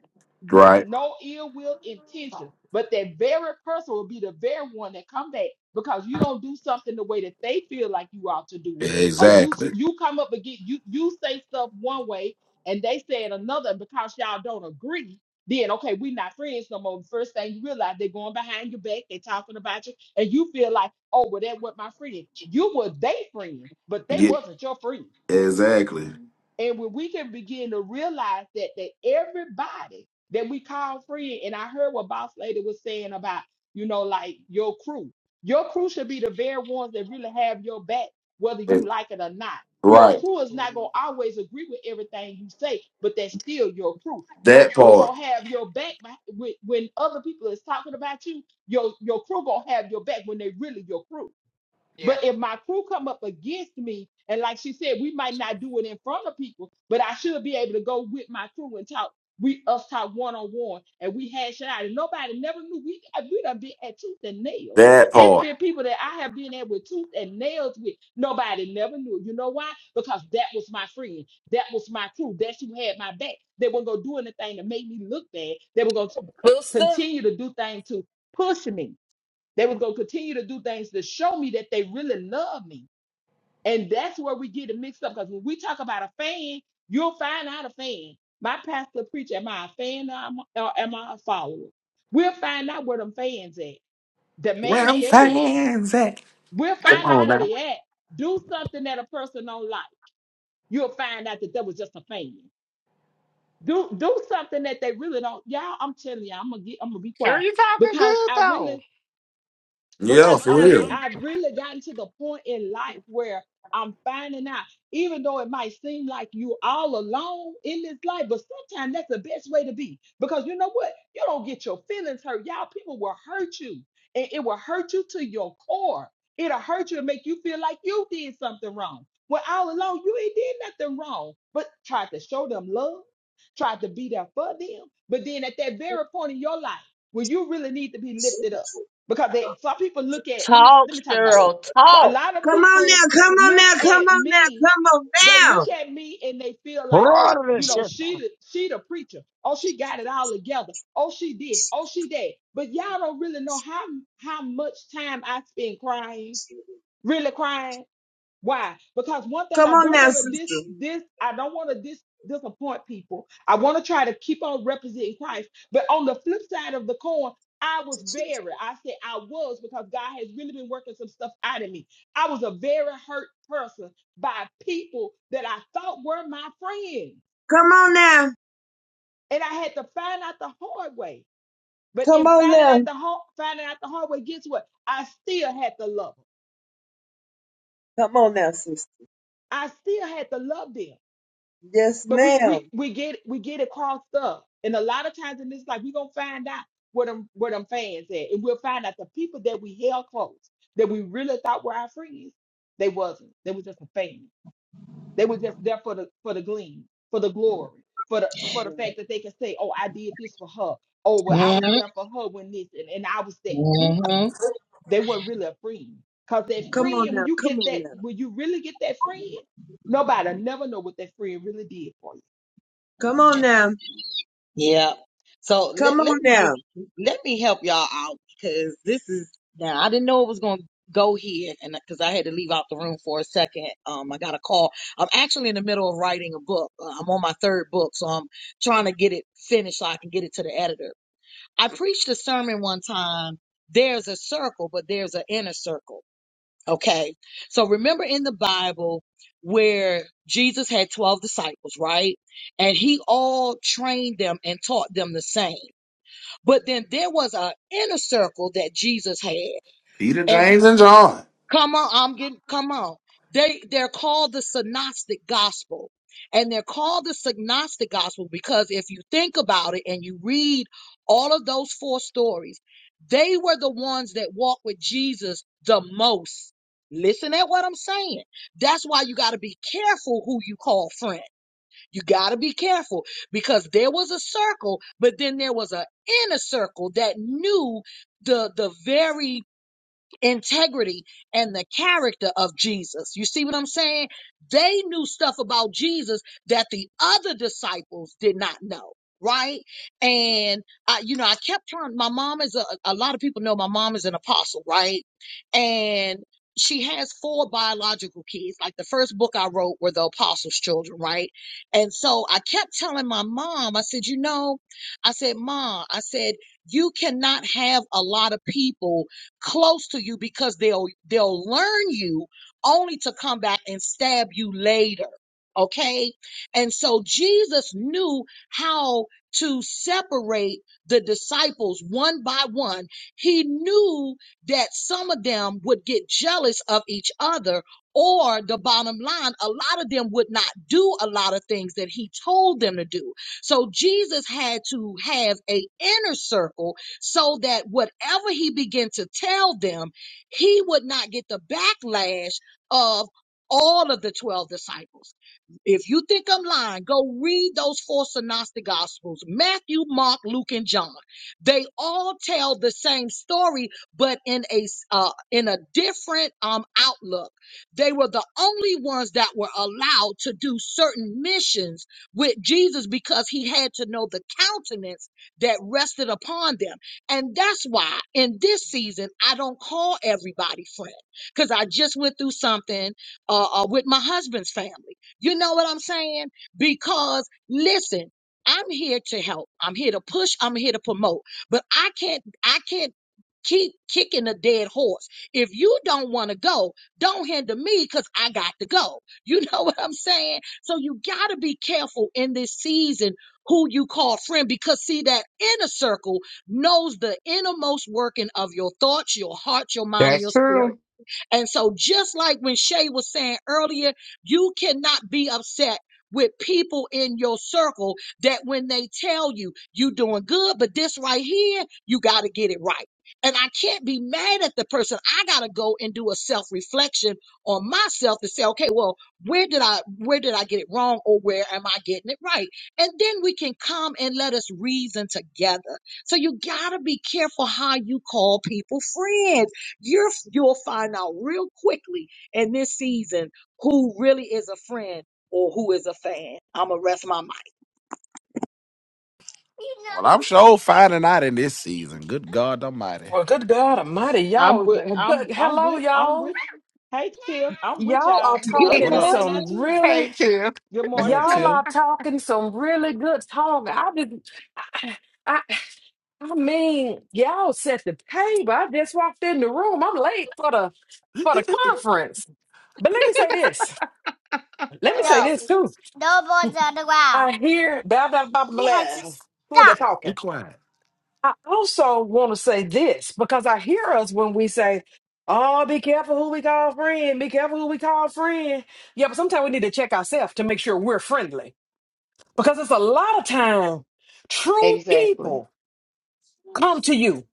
with
Right.
no ill will intention. But that very person will be the very one that come back because you don't do something the way that they feel like you ought to do it, or you s-
Exactly.
you come up again, you you say stuff one way and they say it another, and because y'all don't agree. Then okay, we not friends no more. First thing you realize, they're going behind your back, they talking about you, and you feel like, oh, well, that was my friend. You were they friend, but they
Yeah.
wasn't your friend.
Exactly.
And when we can begin to realize that that everybody that we call friend, and I heard what Boss Lady was saying about, you know, like your crew. Your crew should be the very ones that really have your back, whether
Eh,
you like it or not. Your
Right.
crew is not gonna always agree with everything you say, but that's still your crew. Your
That
crew
part.
gonna have your back beh- when, when other people is talking about you. Your your crew gonna have your back when they really your crew
Yeah,
but if my crew come up against me, and like she said, we might not do it in front of people, but I should be able to go with my crew and talk. We us talk one on one, and we hash it out. And nobody never knew we uh, we done been at tooth and nails.
That
It's
part.
been people that I have been at with tooth and nails with. Nobody never knew. You know why? Because that was my friend. That was my crew. That who had my back. They weren't gonna do anything to make me look bad. They were gonna
Booster?
continue to do things to push me. They was gonna continue to do things to show me that they really love me. And that's where we get it mixed up. Because when we talk about a fan, you'll find out a fan. My pastor preacher, am I a fan or am I, or am I a follower? We'll find out where them fans at. The
Where
man
I'm
said it.
fans at.
We'll
Come
find out
on
where
now.
they at. Do something that a person don't like. You'll find out that that was just a fan. Do do something that they really don't. Y'all, I'm telling you, I'm gonna get, I'm gonna be
sure,
quiet
you talking
because
good
I really
though.
Yeah,
because
for
I'm re-
real.
I've really gotten to the point in life where I'm finding out, even though it might seem like you all alone in this life, but sometimes that's the best way to be. Because you know what? You don't get your feelings hurt. Y'all, people will hurt you, and it will hurt you to your core. It'll hurt you and make you feel like you did something wrong. When all alone, you ain't did nothing wrong, but tried to show them love, tried to be there for them. But then at that very point in your life, where you really need to be lifted up because they some people look at let me
Talk,
let me talk about me.
Cheryl,
So a
talk.
lot of
Come on
people
now, come on
look
now, come
at
on now,
me,
come on
they
now.
look at me and they feel
Hey,
like, oh, you know, she the she the preacher. Oh, she got it all together. Oh, she this. Oh, she that. But y'all don't really know how how much time I spend crying, really crying why? Because one thing
Come
I
on
don't
now,
want to dis
sister.
this I don't want to dis disappoint people. I want to try to keep on representing Christ. But on the flip side of the coin, I was very, I said I was because God has really been working some stuff out of me. I was a very hurt person by people that I thought were my friends.
Come on now.
And I had to find out the hard way. But
Come
in
on
finding
now.
out the hard, finding out the hard way, guess what? I still had to love them.
Come on now, sister.
I still had to love them.
Yes,
But we we
ma'am.
we get we get it crossed up, and a lot of times in this life, we gonna find out where them where them fans at, and we'll find out the people that we held close, that we really thought were our friends, they wasn't. They was just a fan. They were just there for the for the gleam, for the glory, for the for the fact
Right.
that they can say, "Oh, I did this for her." Oh, well, I
I'm sorry,
was
y'all.
there for her when this, and, and I was that. Mm-mm.
Mm-hmm.
They weren't really a friend, cause that
Come on
friend, when
now,
you
come
get
on
that,
now.
when you really get that friend, nobody never know what that friend really did for you.
Come on now.
Yeah. So
Come
let,
on
let me just
now.
let me help y'all out because this is now I didn't know it was going to go here and because I had to leave out the room for a second. Um, I got a call. I'm actually in the middle of writing a book. Uh, I'm on my third book, so I'm trying to get it finished so I can get it to the editor. I preached a sermon one time. There's a circle, but there's an inner circle. Okay. So remember in the Bible where Jesus had 12 disciples, right? And he all trained them and taught them the same. But then there was an inner circle that Jesus had.
Peter,
and we.
James, and John.
Come on, I'm getting come on. They they're called the synoptic gospel. And they're called the synoptic gospel because if you think about it and you read all of those four stories, they were the ones that walked with Jesus the most. Listen at what I'm saying. That's why you got to be careful who you call friend. You got to be careful because there was a circle, but then there was an inner circle that knew the the very integrity and the character of Jesus. You see what I'm saying? They knew stuff about Jesus that the other disciples did not know. Right. And I, you know, I kept trying, my mom is a, a lot of people know my mom is an apostle, right? And she has four biological kids. Like the first book I wrote were the apostles' children, right? And so I kept telling my mom, I said, you know, I said, Ma, I said, you cannot have a lot of people close to you because they'll they'll learn you only to come back and stab you later okay and so jesus knew how to separate the disciples one by one he knew that some of them would get jealous of each other or the bottom line a lot of them would not do a lot of things that he told them to do so jesus had to have a inner circle so that whatever he began to tell them, he would not get the backlash of all of the 12 disciples. If you think I'm lying, go read those four synoptic gospels Matthew, Mark, Luke, and John. They all tell the same story, but in a s- uh, in a different um, outlook. They were the only ones that were allowed to do certain missions with Jesus because he had to know the countenance that rested upon them. And that's why in this season, I don't call everybody friend because I just went through something uh, uh, with my husband's family you know what I'm saying? Because listen, I'm here to help. I'm here to push. I'm here to promote. But I can't, I can't keep kicking a dead horse. If you don't want to go, don't hinder me because I got to go. You know what I'm saying? So you got to be careful in this season who you call friend because see that inner circle knows the innermost working of your thoughts, your heart, your mind, and
That's
your spirit.
true.
And so, just like when Shay was saying earlier, you cannot be upset with people in your circle that when they tell you you doing good, but this right here, you got to get it right. And I can't be mad at the person. I got to go and do a self reflection on myself to say, okay, well, where did I where did I get it wrong or where am I getting it right? And then we can come and let us reason together. So you got to be careful how you call people friends you're, you'll find out real quickly in this season who really is a friend or who is a fan. I'm going to rest my mic.
Well, I'm sure finding out in this season. Good God Almighty.
Well, good God Almighty,
I'm
y'all.
with I'm
Good,
I'm
hello,
with I'm
y'all.
with hey Tiff, I'm with
Y'all are
y'all. I'm
Good
What
talking
up?
finding out
morning.
some
too.
hey
really.
Tim,
Good
What
morning,
up,
Y'all
Tiff.
Till?
are talking some really good talk. I did. I, I, I mean, y'all set the table. I just walked in the room. I'm late for the for the
Be
conference. But let me say this. Let me say this too. I hear blah blah blah blah. Who are they talking?
quiet.
I also want to say this because I hear us when we say, "Oh, be careful who we call friend. Be careful who we call friend." Yeah, but sometimes we need to check ourselves to make sure we're friendly because it's a lot of time true
Exactly.
people come to you.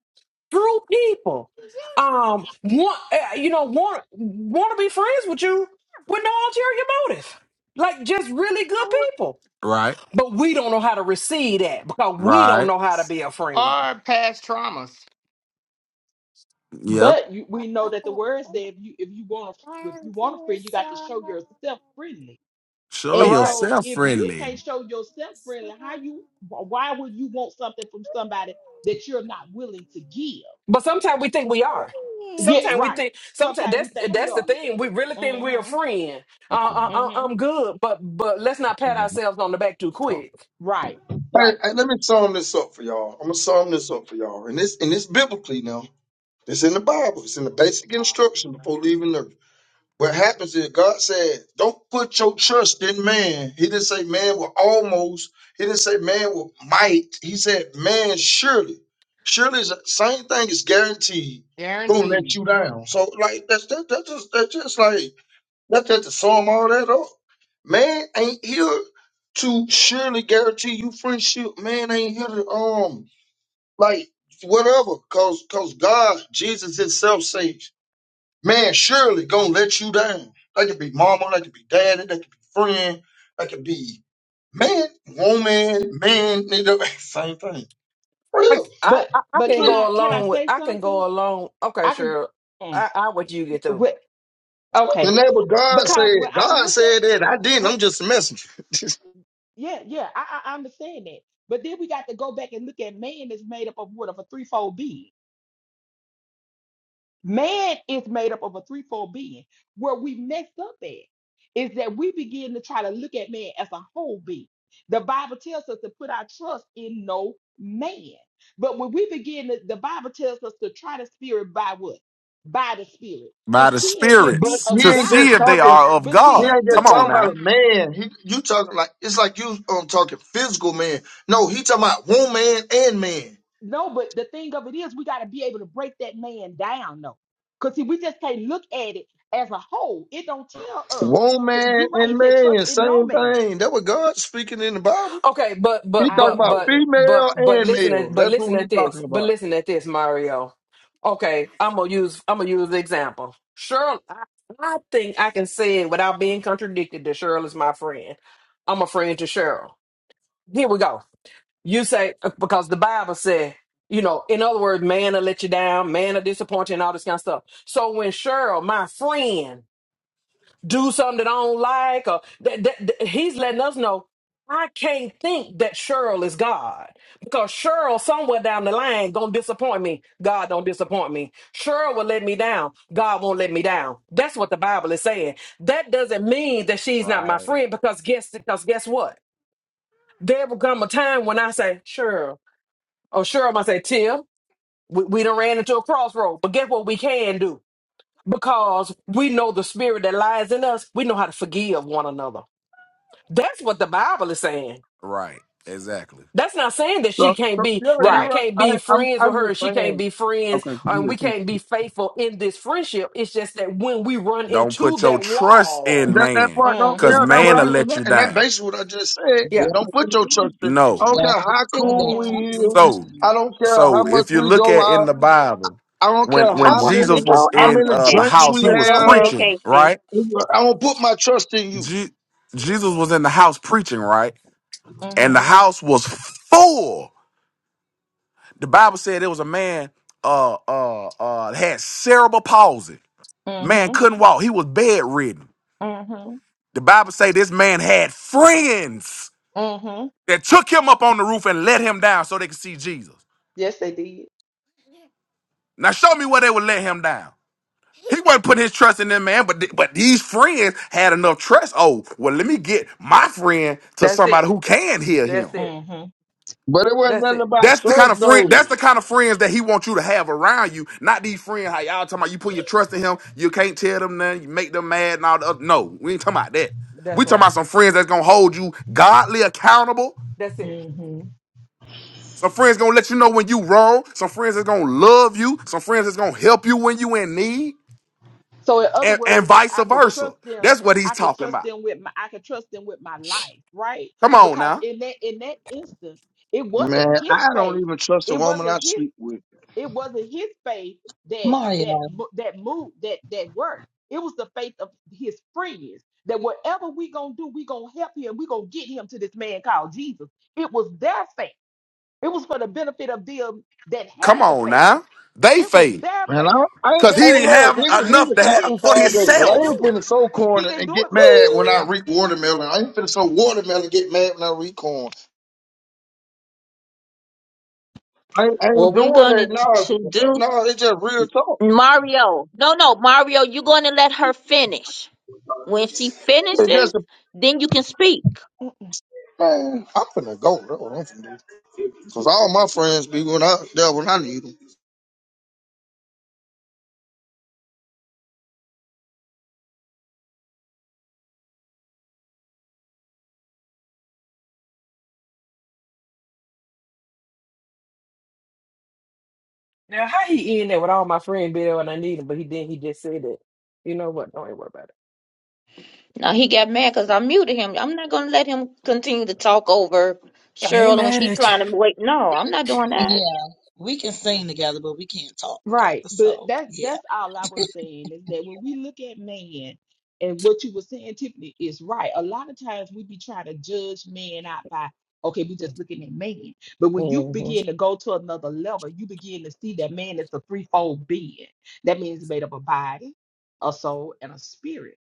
True people, um, want uh, you know want want to be friends with you with no ulterior motive. Like just really good people,
Right.
but we don't know how to receive that because we don't
Right.
know how to be a friend,
or past traumas,
Yep.
But you, we know that the word said if you if you want to if you want to free, you got to show yourself friendly.
Show
And
right?
so
yourself
if you
friendly.
can't show yourself friendly, how you wh- why would you want something from somebody that you're not willing to give?
But sometimes we think we are.
Yeah,
Sometimes we
right.
think. Sometimes
Sometimes we
that's
think we
that's the
are.
thing. We really think
mm
we're a
hmm
friend.
Be
Uh, uh,
quiet.
uh,
mm hmm
I'm good, but but let's not pat ourselves on the back too quick.
Right. Right.
hey, let me sum this up for y'all. I'm gonna sum this up for y'all, and this and this biblically now. It's in the Bible. It's in the basic instruction before leaving earth. What happens is God said, "Don't put your trust in man." He didn't say man will almost. He didn't say man will might. He said man surely. Surely is the same thing is guaranteed. Gonna let
guaranteed.
you down. So like that's that, that's just that's just like Not that to sum all that up. Man ain't here to surely guarantee you friendship. Man ain't here to um like whatever. Cause cause God, Jesus Himself says, man surely gonna let you down. That could be mama, that could be daddy, that could be friend, that could be man, woman, man, nigga, same thing. Real.
Like I,
But
I, I
but
can
can
go
I can I
along with.
say
I can
something?
go along. Okay,
I could.
sure.
mm,
I, I what you get through.
What?
And
Okay.
that what God
Because when
said.
I
God
look at
said that I didn't.
what,
I'm just a messenger.
yeah, yeah, I, I I understand that. But then we got to go back and look at man is made up of what of a threefold being. Man is made up of a threefold being. Where we messed up at is that we begin to try to look at man as a whole being. The Bible tells us to put our trust in no man. But when we begin, to, the Bible tells us to try the spirit by what? By the spirit to
by the
see if it
but
be
spirits
he
of
to
ain't
see
just
God
if they
talking.
are of
But
He
see,
God.
ain't
Come
just
but
on
talking
see,
now.
about a man. He, you talking like it's like you um talking physical man. No, he talking about woman and man.
no, but the thing of it is we gotta be able to break that man down though. Cause see, we just can't look at it as a whole. It don't tell us to
Woman
you're right, you
and
said trust
man,
in no
same
man.
thing. That what God speaking in the Bible.
Okay, but
He
but
I
talking
but
about
know,
but
but
but
female
but
and
listen
male.
at but
That's
listen
what he
at this.
talking
But
about.
listen at this, Mario. Okay, I'm gonna use I'm gonna use the example. Cheryl, I, I think I can say it without being contradicted that Cheryl is my friend. I'm a friend to Cheryl. Here we go. You say uh, because the Bible said, you know, in other words, man will let you down, man will disappoint you, and all this kind of stuff. So when Cheryl, my friend, do something that I don't like, or that, that, that- he's letting us know I can't think that Cheryl is God because Cheryl somewhere down the line gonna disappoint me. God don't disappoint me. Cheryl will let me down. God won't let me down. That's what the Bible is saying. That doesn't mean that she's not my
Right.
friend because guess because guess what? There will come a time when I say Cheryl or Cheryl I say Tim. We, we done ran into a crossroad, but guess what we can do? Because we know the spirit that lies in us, we know how to forgive one another that's what the Bible is saying.
Right. Exactly.
That's not saying that she
So,
can't
so
be,
yeah,
that I
you're
Right.
right.
can't be
I, I'm
friends with
I'm
her,
just
and she can't
saying.
be friends,
Okay,
and we
good.
can't be faithful in this friendship. It's just that when we run
Don't
into
put your
that
trust
wall,
in
that that
man,
part don't
because
is
yeah
Mm-hmm.
that
man
what I,
will
when we,
and
let
that
you
and that
down.
basically what I just said.
yeah,
Yeah, I
Don't
can
put your
do it.
trust in. I
No.
don't
yeah,
care
you
how
said that
cool
Mm-hmm.
we
confidence
is.
in
So,
mind.
I don't care how
so
much
if you
we
look
go
at in
out.
the Bible,
I don't care
when
I
when
how
wanted to
Jesus
many
was
go
how
in
after
many
uh, the
drinks
Tiffany,
house, he
we
but
was
go ahead,
have.
preaching,
Casey.
right?
I don't put my trust in you.
Je- Jesus was in the house preaching, right? And the
Mm-hmm.
house was full. The Bible said there was a man uh uh uh had cerebral palsy Man
Mm-hmm.
couldn't walk. He was bedridden.
Mm-hmm.
The Bible say this man had friends
Mm-hmm.
that took him up on the roof and let him down so they could see Jesus.
Yes, they did.
Now show me where they would let him down. He wasn't putting his trust in them man, but th- but these friends had enough trust. Oh, well, let me get my friend to
that's it.
somebody who can hear him.
That's it.
Mm-hmm.
But it wasn't
That's
nothing
it.
about
That's the
trust
kind of friend.
though.
That's the kind of friends that he wants you to have around you. Not these friends. How y'all talking about? You put your trust in him. You can't tell them nothing. You make them mad and all the other. No, we ain't talking about that. We
That's
talking
right.
about some friends that's gonna hold you godly accountable.
That's it.
Mm-hmm.
Some friends gonna let you know when you wrong. Some friends that's gonna love you. Some friends that's gonna help you when you in need,
So in other
and and
words,
vice
I can
versa.
trust them.
That's what he's
I can
talking
trust
about.
them with my I can trust them with my life, right?
Come on
Because
now.
in that in that instance, it wasn't
Man,
his
I don't
faith.
even trust the
It
woman
wasn't
I
his
sleep with.
it wasn't his faith that that
Mario,
mo- that moved that that worked. It was the faith of his friends that whatever we gonna do, we gonna help him, we gonna get him to this man called Jesus. It was their faith. It was for the benefit of them that
Come
had the
on
faith.
now. They
It was
fade
their
Man, I,
faith
I,
because
that
he
hey,
didn't
moved
look,
in
have
we
that
can,
situation
we
enough
can
to
because
talk
have
he,
this
for
all
he
day,
he
but
couldn't
I
himself.
ain't
do it.
finna sow corn
He couldn't
and
do
get
it for
mad
himself.
when
Woo!
I reap watermelon. I ain't finna sow watermelon and get mad when I reap corn. I, ain't- I ain't
What we're
doing
going to,
that.
to do,
No, no, it's just real talk.
Mario. No, no, Mario, you're going to let her finish. When she
It's
finishes,
just a,
then you can speak.
man, I'm finna go. That's what I'm finna do. Cause all my friends be when I, there when I need 'em.
Now, how he in there with all my friend be there when I need him, but he didn't, he just said it. You know what? Don't even worry about it.
Now, he got mad because I muted him. I'm not going to let him continue to talk over
I ain't
Cheryl when
mad
she
at you.
trying to wait. No, I'm not doing that.
yeah, we can sing together, but we can't talk together.
Right, but
So
that
yeah,
that's all I was saying is that when we look at man and what you were saying, Tiffany, is right. A lot of times we be trying to judge man out by okay, we just looking at man. But when you
Mm-hmm.
begin to go to another level, you begin to see that man is a threefold being. That means it's made up of a body, a soul, and a spirit.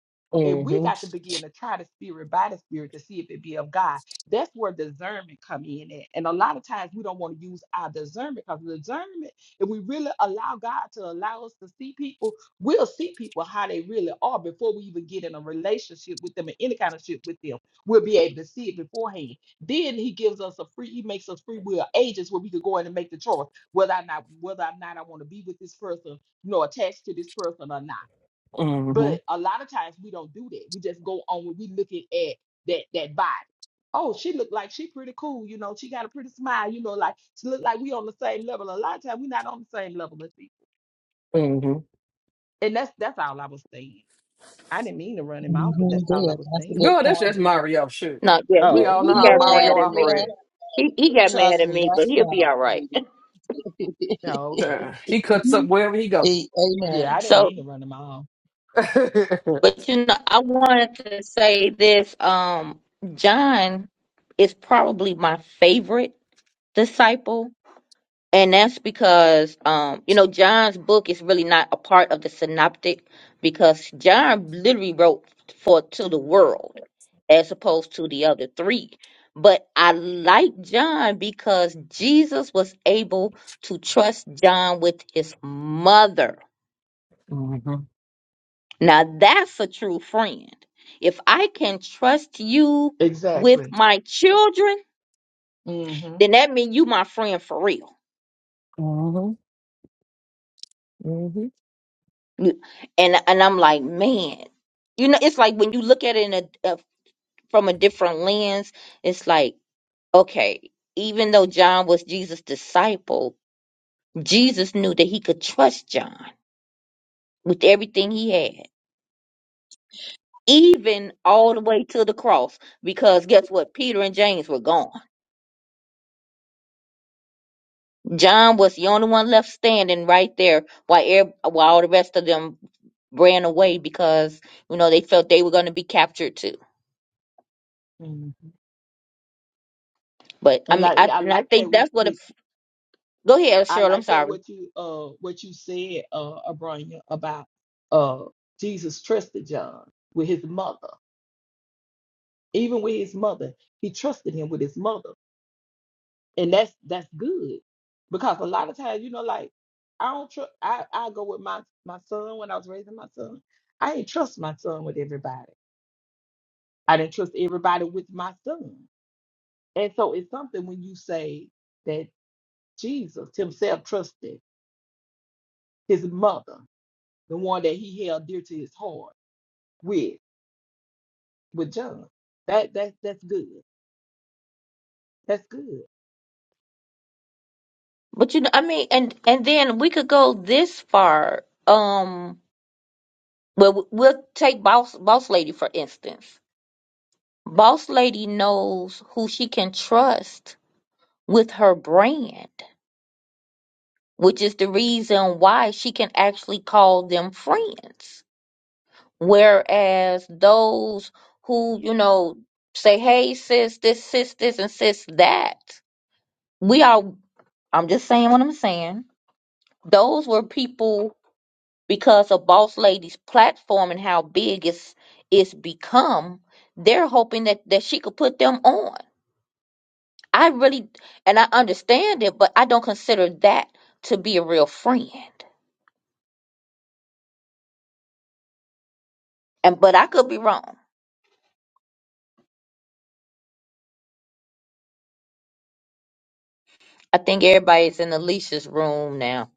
And we
Mm-hmm.
got to begin to try the spirit by the spirit to see if it be of God. That's where discernment come in at. And a lot of times we don't want to use our discernment because discernment if we really allow God to allow us to see people, we'll see people how they really are before we even get in a relationship with them and any kind of shit with them. We'll be able to see it beforehand. Then he gives us a free, he makes us free will agents where we could go in and make the choice whether or not whether or not I want to be with this person, you know, attached to this person or not. But a lot of times we don't do that. We just go on when we looking at that that body. Oh, she look like she pretty cool, you know. She got a pretty smile, you know. Like she look like we on the same level. A lot of times we not on the same level as people,
Mm-hmm.
and that's that's all I was saying. I didn't mean to run him out, but
hmm
that's
good.
all I was
That's a good
saying.
Girl, that's
point.
just Mario. Shoot.
No, yeah,
We
he,
Oh,
all know
he
okay.
how
got
Yeah,
Mario
mad at me.
yeah.
operates.
He, he got mad
Trust
at
me,
me,
that's
but he'll be all right.
him.
oh, okay.
Sure, He cuts up wherever he go.
A- Amen.
Yeah, I didn't
So.
mean to run him off.
mm-hmm.
But you know, I wanted to say this. Um, John is probably my favorite disciple, and that's because um, you know, John's book is really not a part of the synoptic because John literally wrote for to the world as opposed to the other three. But I like John because Jesus was able to trust John with his mother Now that's a true friend. If I can trust you with
Exactly.
my children,
hmm
then that means you my friend for real.
hmm hmm
You- And and I'm like, man, you know, it's like when you look at it in a, a from a different lens, it's like, okay, even though John was Jesus' disciple, Jesus knew that he could trust John with everything he had, even all the way to the cross, because guess what? Peter and James were gone. John was the only one left standing right there while ev- while all the rest of them ran away because you know they felt they were going to be captured too.
hmm
But I
And
mean,
like
I
yeah, I
and I
like
think
that with,
that's what. It,
with
go ahead,
I
Cheryl. I'm
like that
sorry,
what you uh what you said uh Abronya about uh Jesus trusted John with his mother. Even with his mother, he trusted him with his mother. And that's that's good. Because a lot of times, you know, like I don't trust I, I go with my my son when I was raising my son. I didn't trust my son with everybody. I didn't trust everybody with my son. And so it's something when you say that Jesus himself trusted his mother, the one that he held dear to his heart with with John. That that that's good. That's good.
but you know, I mean, and and then we could go this far. Um, well, we'll take boss boss lady for instance. Boss lady knows who she can trust with her brand, which is the reason why she can actually call them friends Whereas those who, you know, say, hey, sis, this, sis, this, and sis, that, we are, I'm just saying what I'm saying. Those were people because of Boss Lady's platform and how big it's, it's become, they're hoping that, that she could put them on. I really, and I understand it, but I don't consider that to be a real friend. And, but I could be wrong. I think everybody's in Alicia's room now.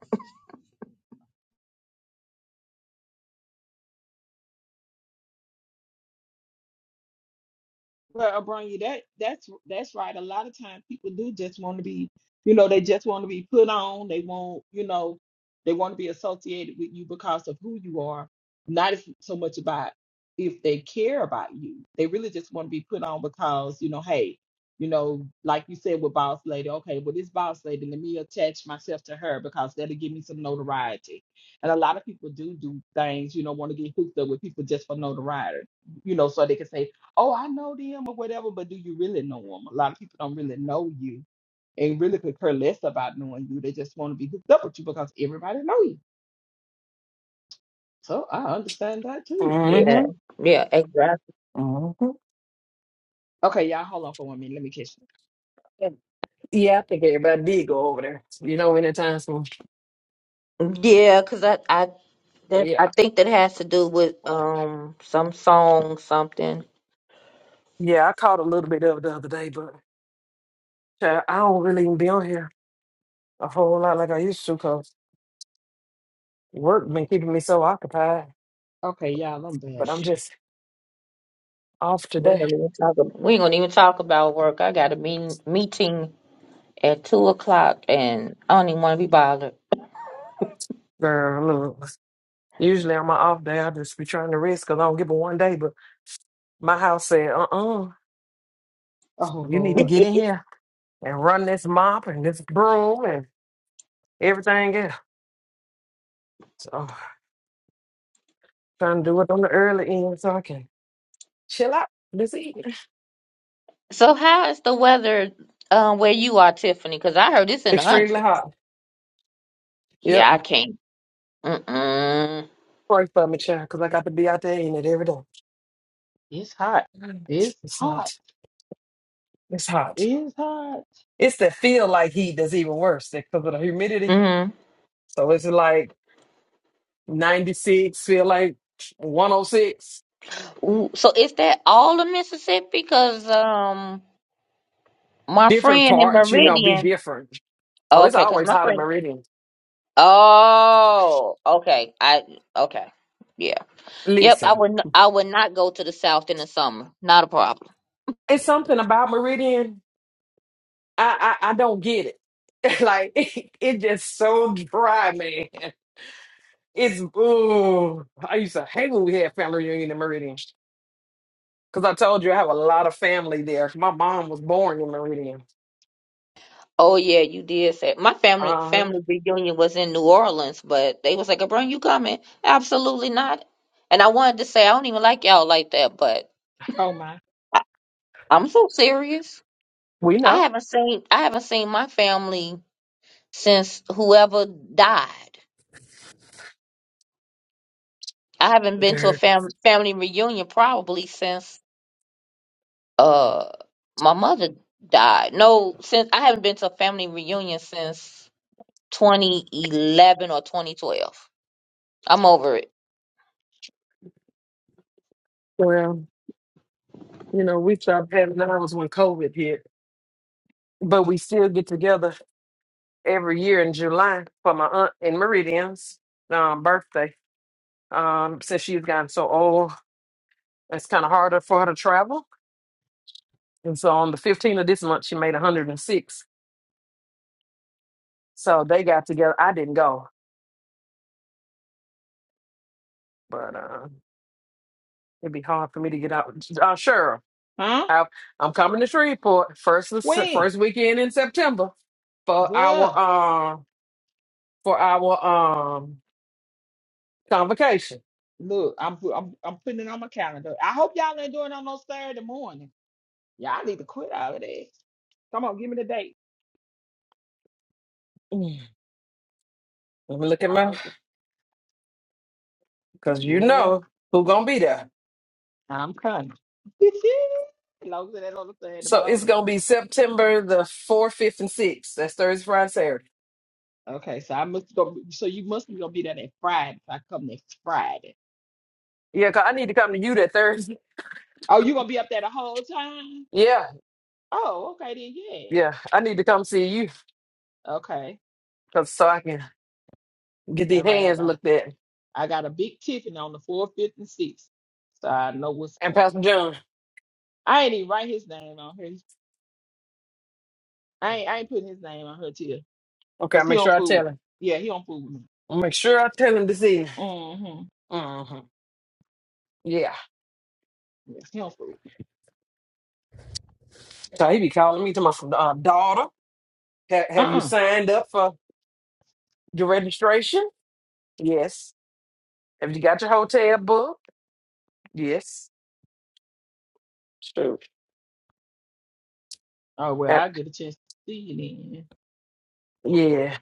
Well, Abronya, that that's that's right. A lot of times people do just want to be, you know, they just want to be put on. They want, you know, they want to be associated with you because of who you are, not if, so much about if they care about you. They really just want to be put on because, you know, hey, you know, like you said with boss lady, okay, well this boss lady, let me attach myself to her because that'll give me some notoriety. And a lot of people people do do things, you you know, know, want to get hooked up with people just for notoriety, you know, so they can say oh, I know them or whatever, but do you really know them? A lot of people don't really know you and really could care less about knowing you. They just want to be hooked up with you because everybody know you. So I understand that too.
Yeah. Yeah, exactly.
hmm hmm
Okay, y'all, hold on for one minute. Let me catch.
Yeah, I think everybody did go over there. You know, anytime soon.
Yeah, because I I that, I
Yeah.
think that has to do with um some song something.
Yeah, I caught a little bit of it the other day, but child, I don't really even be on here a whole lot like I used to because work been keeping me so occupied.
Okay, y'all, I'm
But
bad.
I'm just off
We
today.
don't even talk. ab- We ain't gonna even talk about work. I got a meeting meeting at two o'clock, and I don't even want to be bothered.
Girl, look. Usually on my off day, I just be trying to rest because I don't give a one day. But my house said, uh uh
Oh
you need to
Lord,
get in here and run this mop and this broom and everything else. So trying to do it on the early end so I can chill out this evening.
so how is the weather um where you are, Tiffany? Because I heard it's in the
Extremely
hundreds.
hot.
Yeah,
Yep.
I can't. Mm-mm.
Pray for me, child, because I got to be out there in it every day.
it's hot.
Mm.
It's
It's
hot.
hot. It's hot.
It's hot.
It's the feel like heat that's even worse because of the humidity.
Mm-hmm.
So it's like 96, feel like 106.
Ooh, So is that all of Mississippi? Because um my
different
friend in
parts, you know, be
Meridian.
different. Oh, it's
Okay, 'cause
always
my
hot in
friend
Meridian.
Oh, okay. I okay. Yeah. Yep. I
Listen,
would. n- I would not go to the South in the summer. Not a problem.
it's something about Meridian. I I, I don't get it. like it, it just so dry, man. It's ooh. I used to hate when we had family reunion in Meridian because I told you I have a lot of family there. My mom was born in Meridian.
Oh yeah, you did say my family
Uh huh.
family reunion was in New Orleans, but they was like, "Abron, you coming?" Absolutely not. And I wanted to say I don't even like y'all like that, but
Oh my,
I, I'm so serious.
We
I
know.
haven't seen I haven't seen my family since whoever died. I haven't been to a
Okay.
fam family reunion probably since uh my mother died. No, since I haven't been to a family reunion since 2011 or 2012. I'm over it.
Well, you know, we stopped having ours when COVID hit, but we still get together every year in July for my aunt in Meridian's um, birthday. Um, since she's gotten so old, it's kind of harder for her to travel. And so on the 15th of this month, she made 106. So they got together. I didn't go, but uh, it'd be hard for me to get out. Uh, sure,
huh?
I, I'm coming to Shreveport first of se-
When?
first weekend in September for our
Good.
uh, for our um convocation.
Look, I'm pu- I'm I'm putting it on my calendar. I hope y'all ain't doing it on no Saturday morning. Y'all need to quit out of this. Come on, give me the date.
Mm, Let me look at my
Uh,
because you
yes.
know who gonna be there.
I'm coming. as long as that's on the third
So it's
about it.
gonna be September the fourth, fifth, and sixth. That's Thursday, Friday, Saturday.
Okay, so I must go. So you must be gonna be there that Friday. If I come next Friday.
Yeah, 'cause I need to come to you that Thursday.
Oh, you gonna be up there the whole time?
Yeah,
Oh, okay then.
yeah,
Yeah.
I need to come see you,
Okay.
cause so I can get
All
these
right. I
hands
got
looked at.
I got a big Tiffany on the fourth, fifth, and sixth, so I know what's
And
going.
Pastor John,
I ain't even write his name on here. I ain't I ain't putting his name on her till
okay, I
cause he
make sure
don't
I
fool.
tell him.
Yeah, he don't fool with me.
I make sure I tell him this evening.
Mm-hmm.
hmm Yeah,
Yes, he don't fool with me.
so he be calling me to my uh, daughter. Ha- have you
Uh-uh.
signed up for your registration? Yes. Have you got your hotel booked? Yes. True.
Oh well,
Uh,
I get a chance to see you
yeah,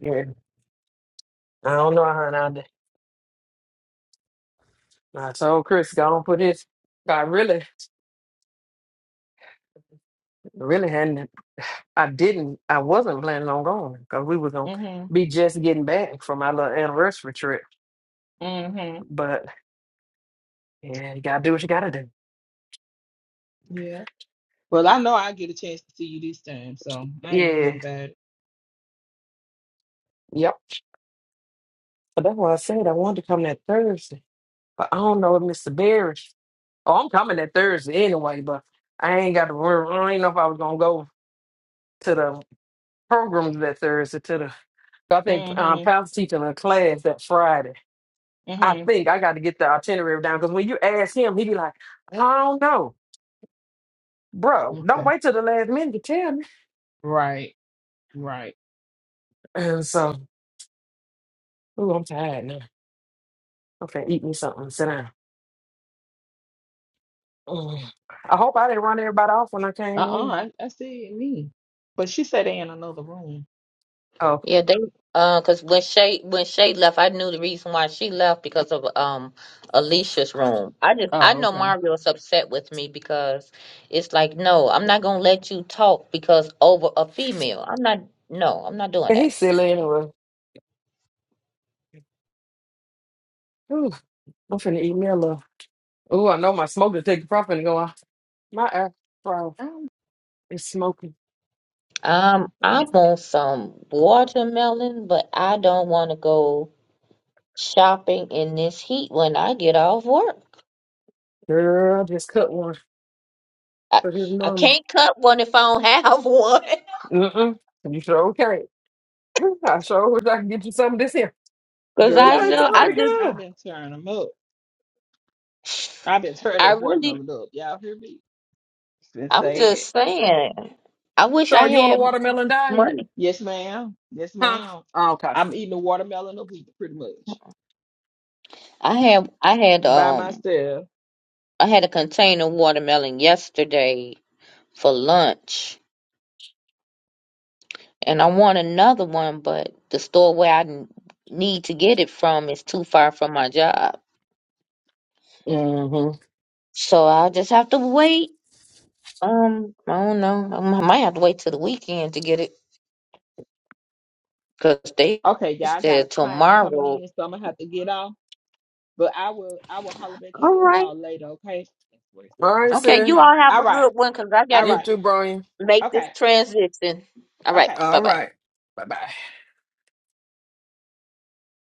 yeah. I don't know, honey. I told Chris, go on put his. I really, really hadn't. I didn't. I wasn't planning on going because we were gonna
then. Mm-hmm.
be just getting back from our little anniversary trip.
Mm-hmm.
But yeah, you gotta do what you gotta do.
Yeah. Well, I know I get a chance to see you this time, so I ain't worrying
Yeah,
about it.
yep. But that's why I said I wanted to come that Thursday, but I don't know if Mr. Barry. Oh, I'm coming that Thursday anyway, but I ain't got to worry. I didn't know if I was gonna go to the programs that Thursday. To the I think um,
Mm-hmm.
Pastor teaching a class that Friday. I
Mm-hmm.
think I got to get the itinerary down because when you ask him, he be like, I don't know, bro. Don't
Okay.
wait till the last minute to tell me.
Right. Right.
And so, ooh, I'm tired now. I'm finna eat me something. and Sit down. Mm. I hope I didn't run everybody off when I came
Uh-uh.
in.
I, I see it me. But she said they in another room.
Oh,
Yeah, they uh, cause when Shay when Shay left, I knew the reason why she left because of um Alicia's room. I just I
Oh,
know
okay.
Mario is upset with me because it's like no, I'm not gonna let you talk because over a female. I'm not no, I'm not doing
and
that.
he's silly anyway. Ooh, I'm finna eat me a little. Ooh, I know my smoke detector probably finna go off. My air bro
Um,
is smoking.
Um, I want some watermelon, but I don't want to go. shopping in this heat when I get off work.
Girl, I just cut one
I,
for his
I
mama.
can't cut one if I don't have one.
Mm-mm. You sure okay? I sure wish I could get you some of this here.
Cause
Cause
girl,
it
I
I've
tastes
been
know I
pretty
turning.
just
good.
I've been turning them up. I've been turning
I
their
really
watermelon up. Y'all hear me? It's been
I'm
sad.
just saying I wish
Sure,
I
are you on a
had
watermelon diet?
money.
Yes, ma'am. Yes,
Huh?
ma'am.
Oh, okay.
I'm eating a watermelon a week pretty much
I have I had
by
um
myself.
I had a container of watermelon yesterday for lunch and I want another one but the store where I n- need to get it from is too far from my job.
Mm-hmm. All
So I'll just have to wait. Um, I don't know. I m- might have to wait till the weekend to get it. Because they
Okay, y'all I got a
said
client coming
tomorrow.
in, so I'm gonna have to get off. But I will I will holler back at
All
you
right.
all later, okay? That's worth it. said. Okay.
right,
Okay,
sir.
you all have
All
a
right.
good one because I got
All
You
to
right.
too, Brian.
make this
Okay.
transition. All right.
Okay.
Bye
All
All
bye.
right.
right. Bye bye.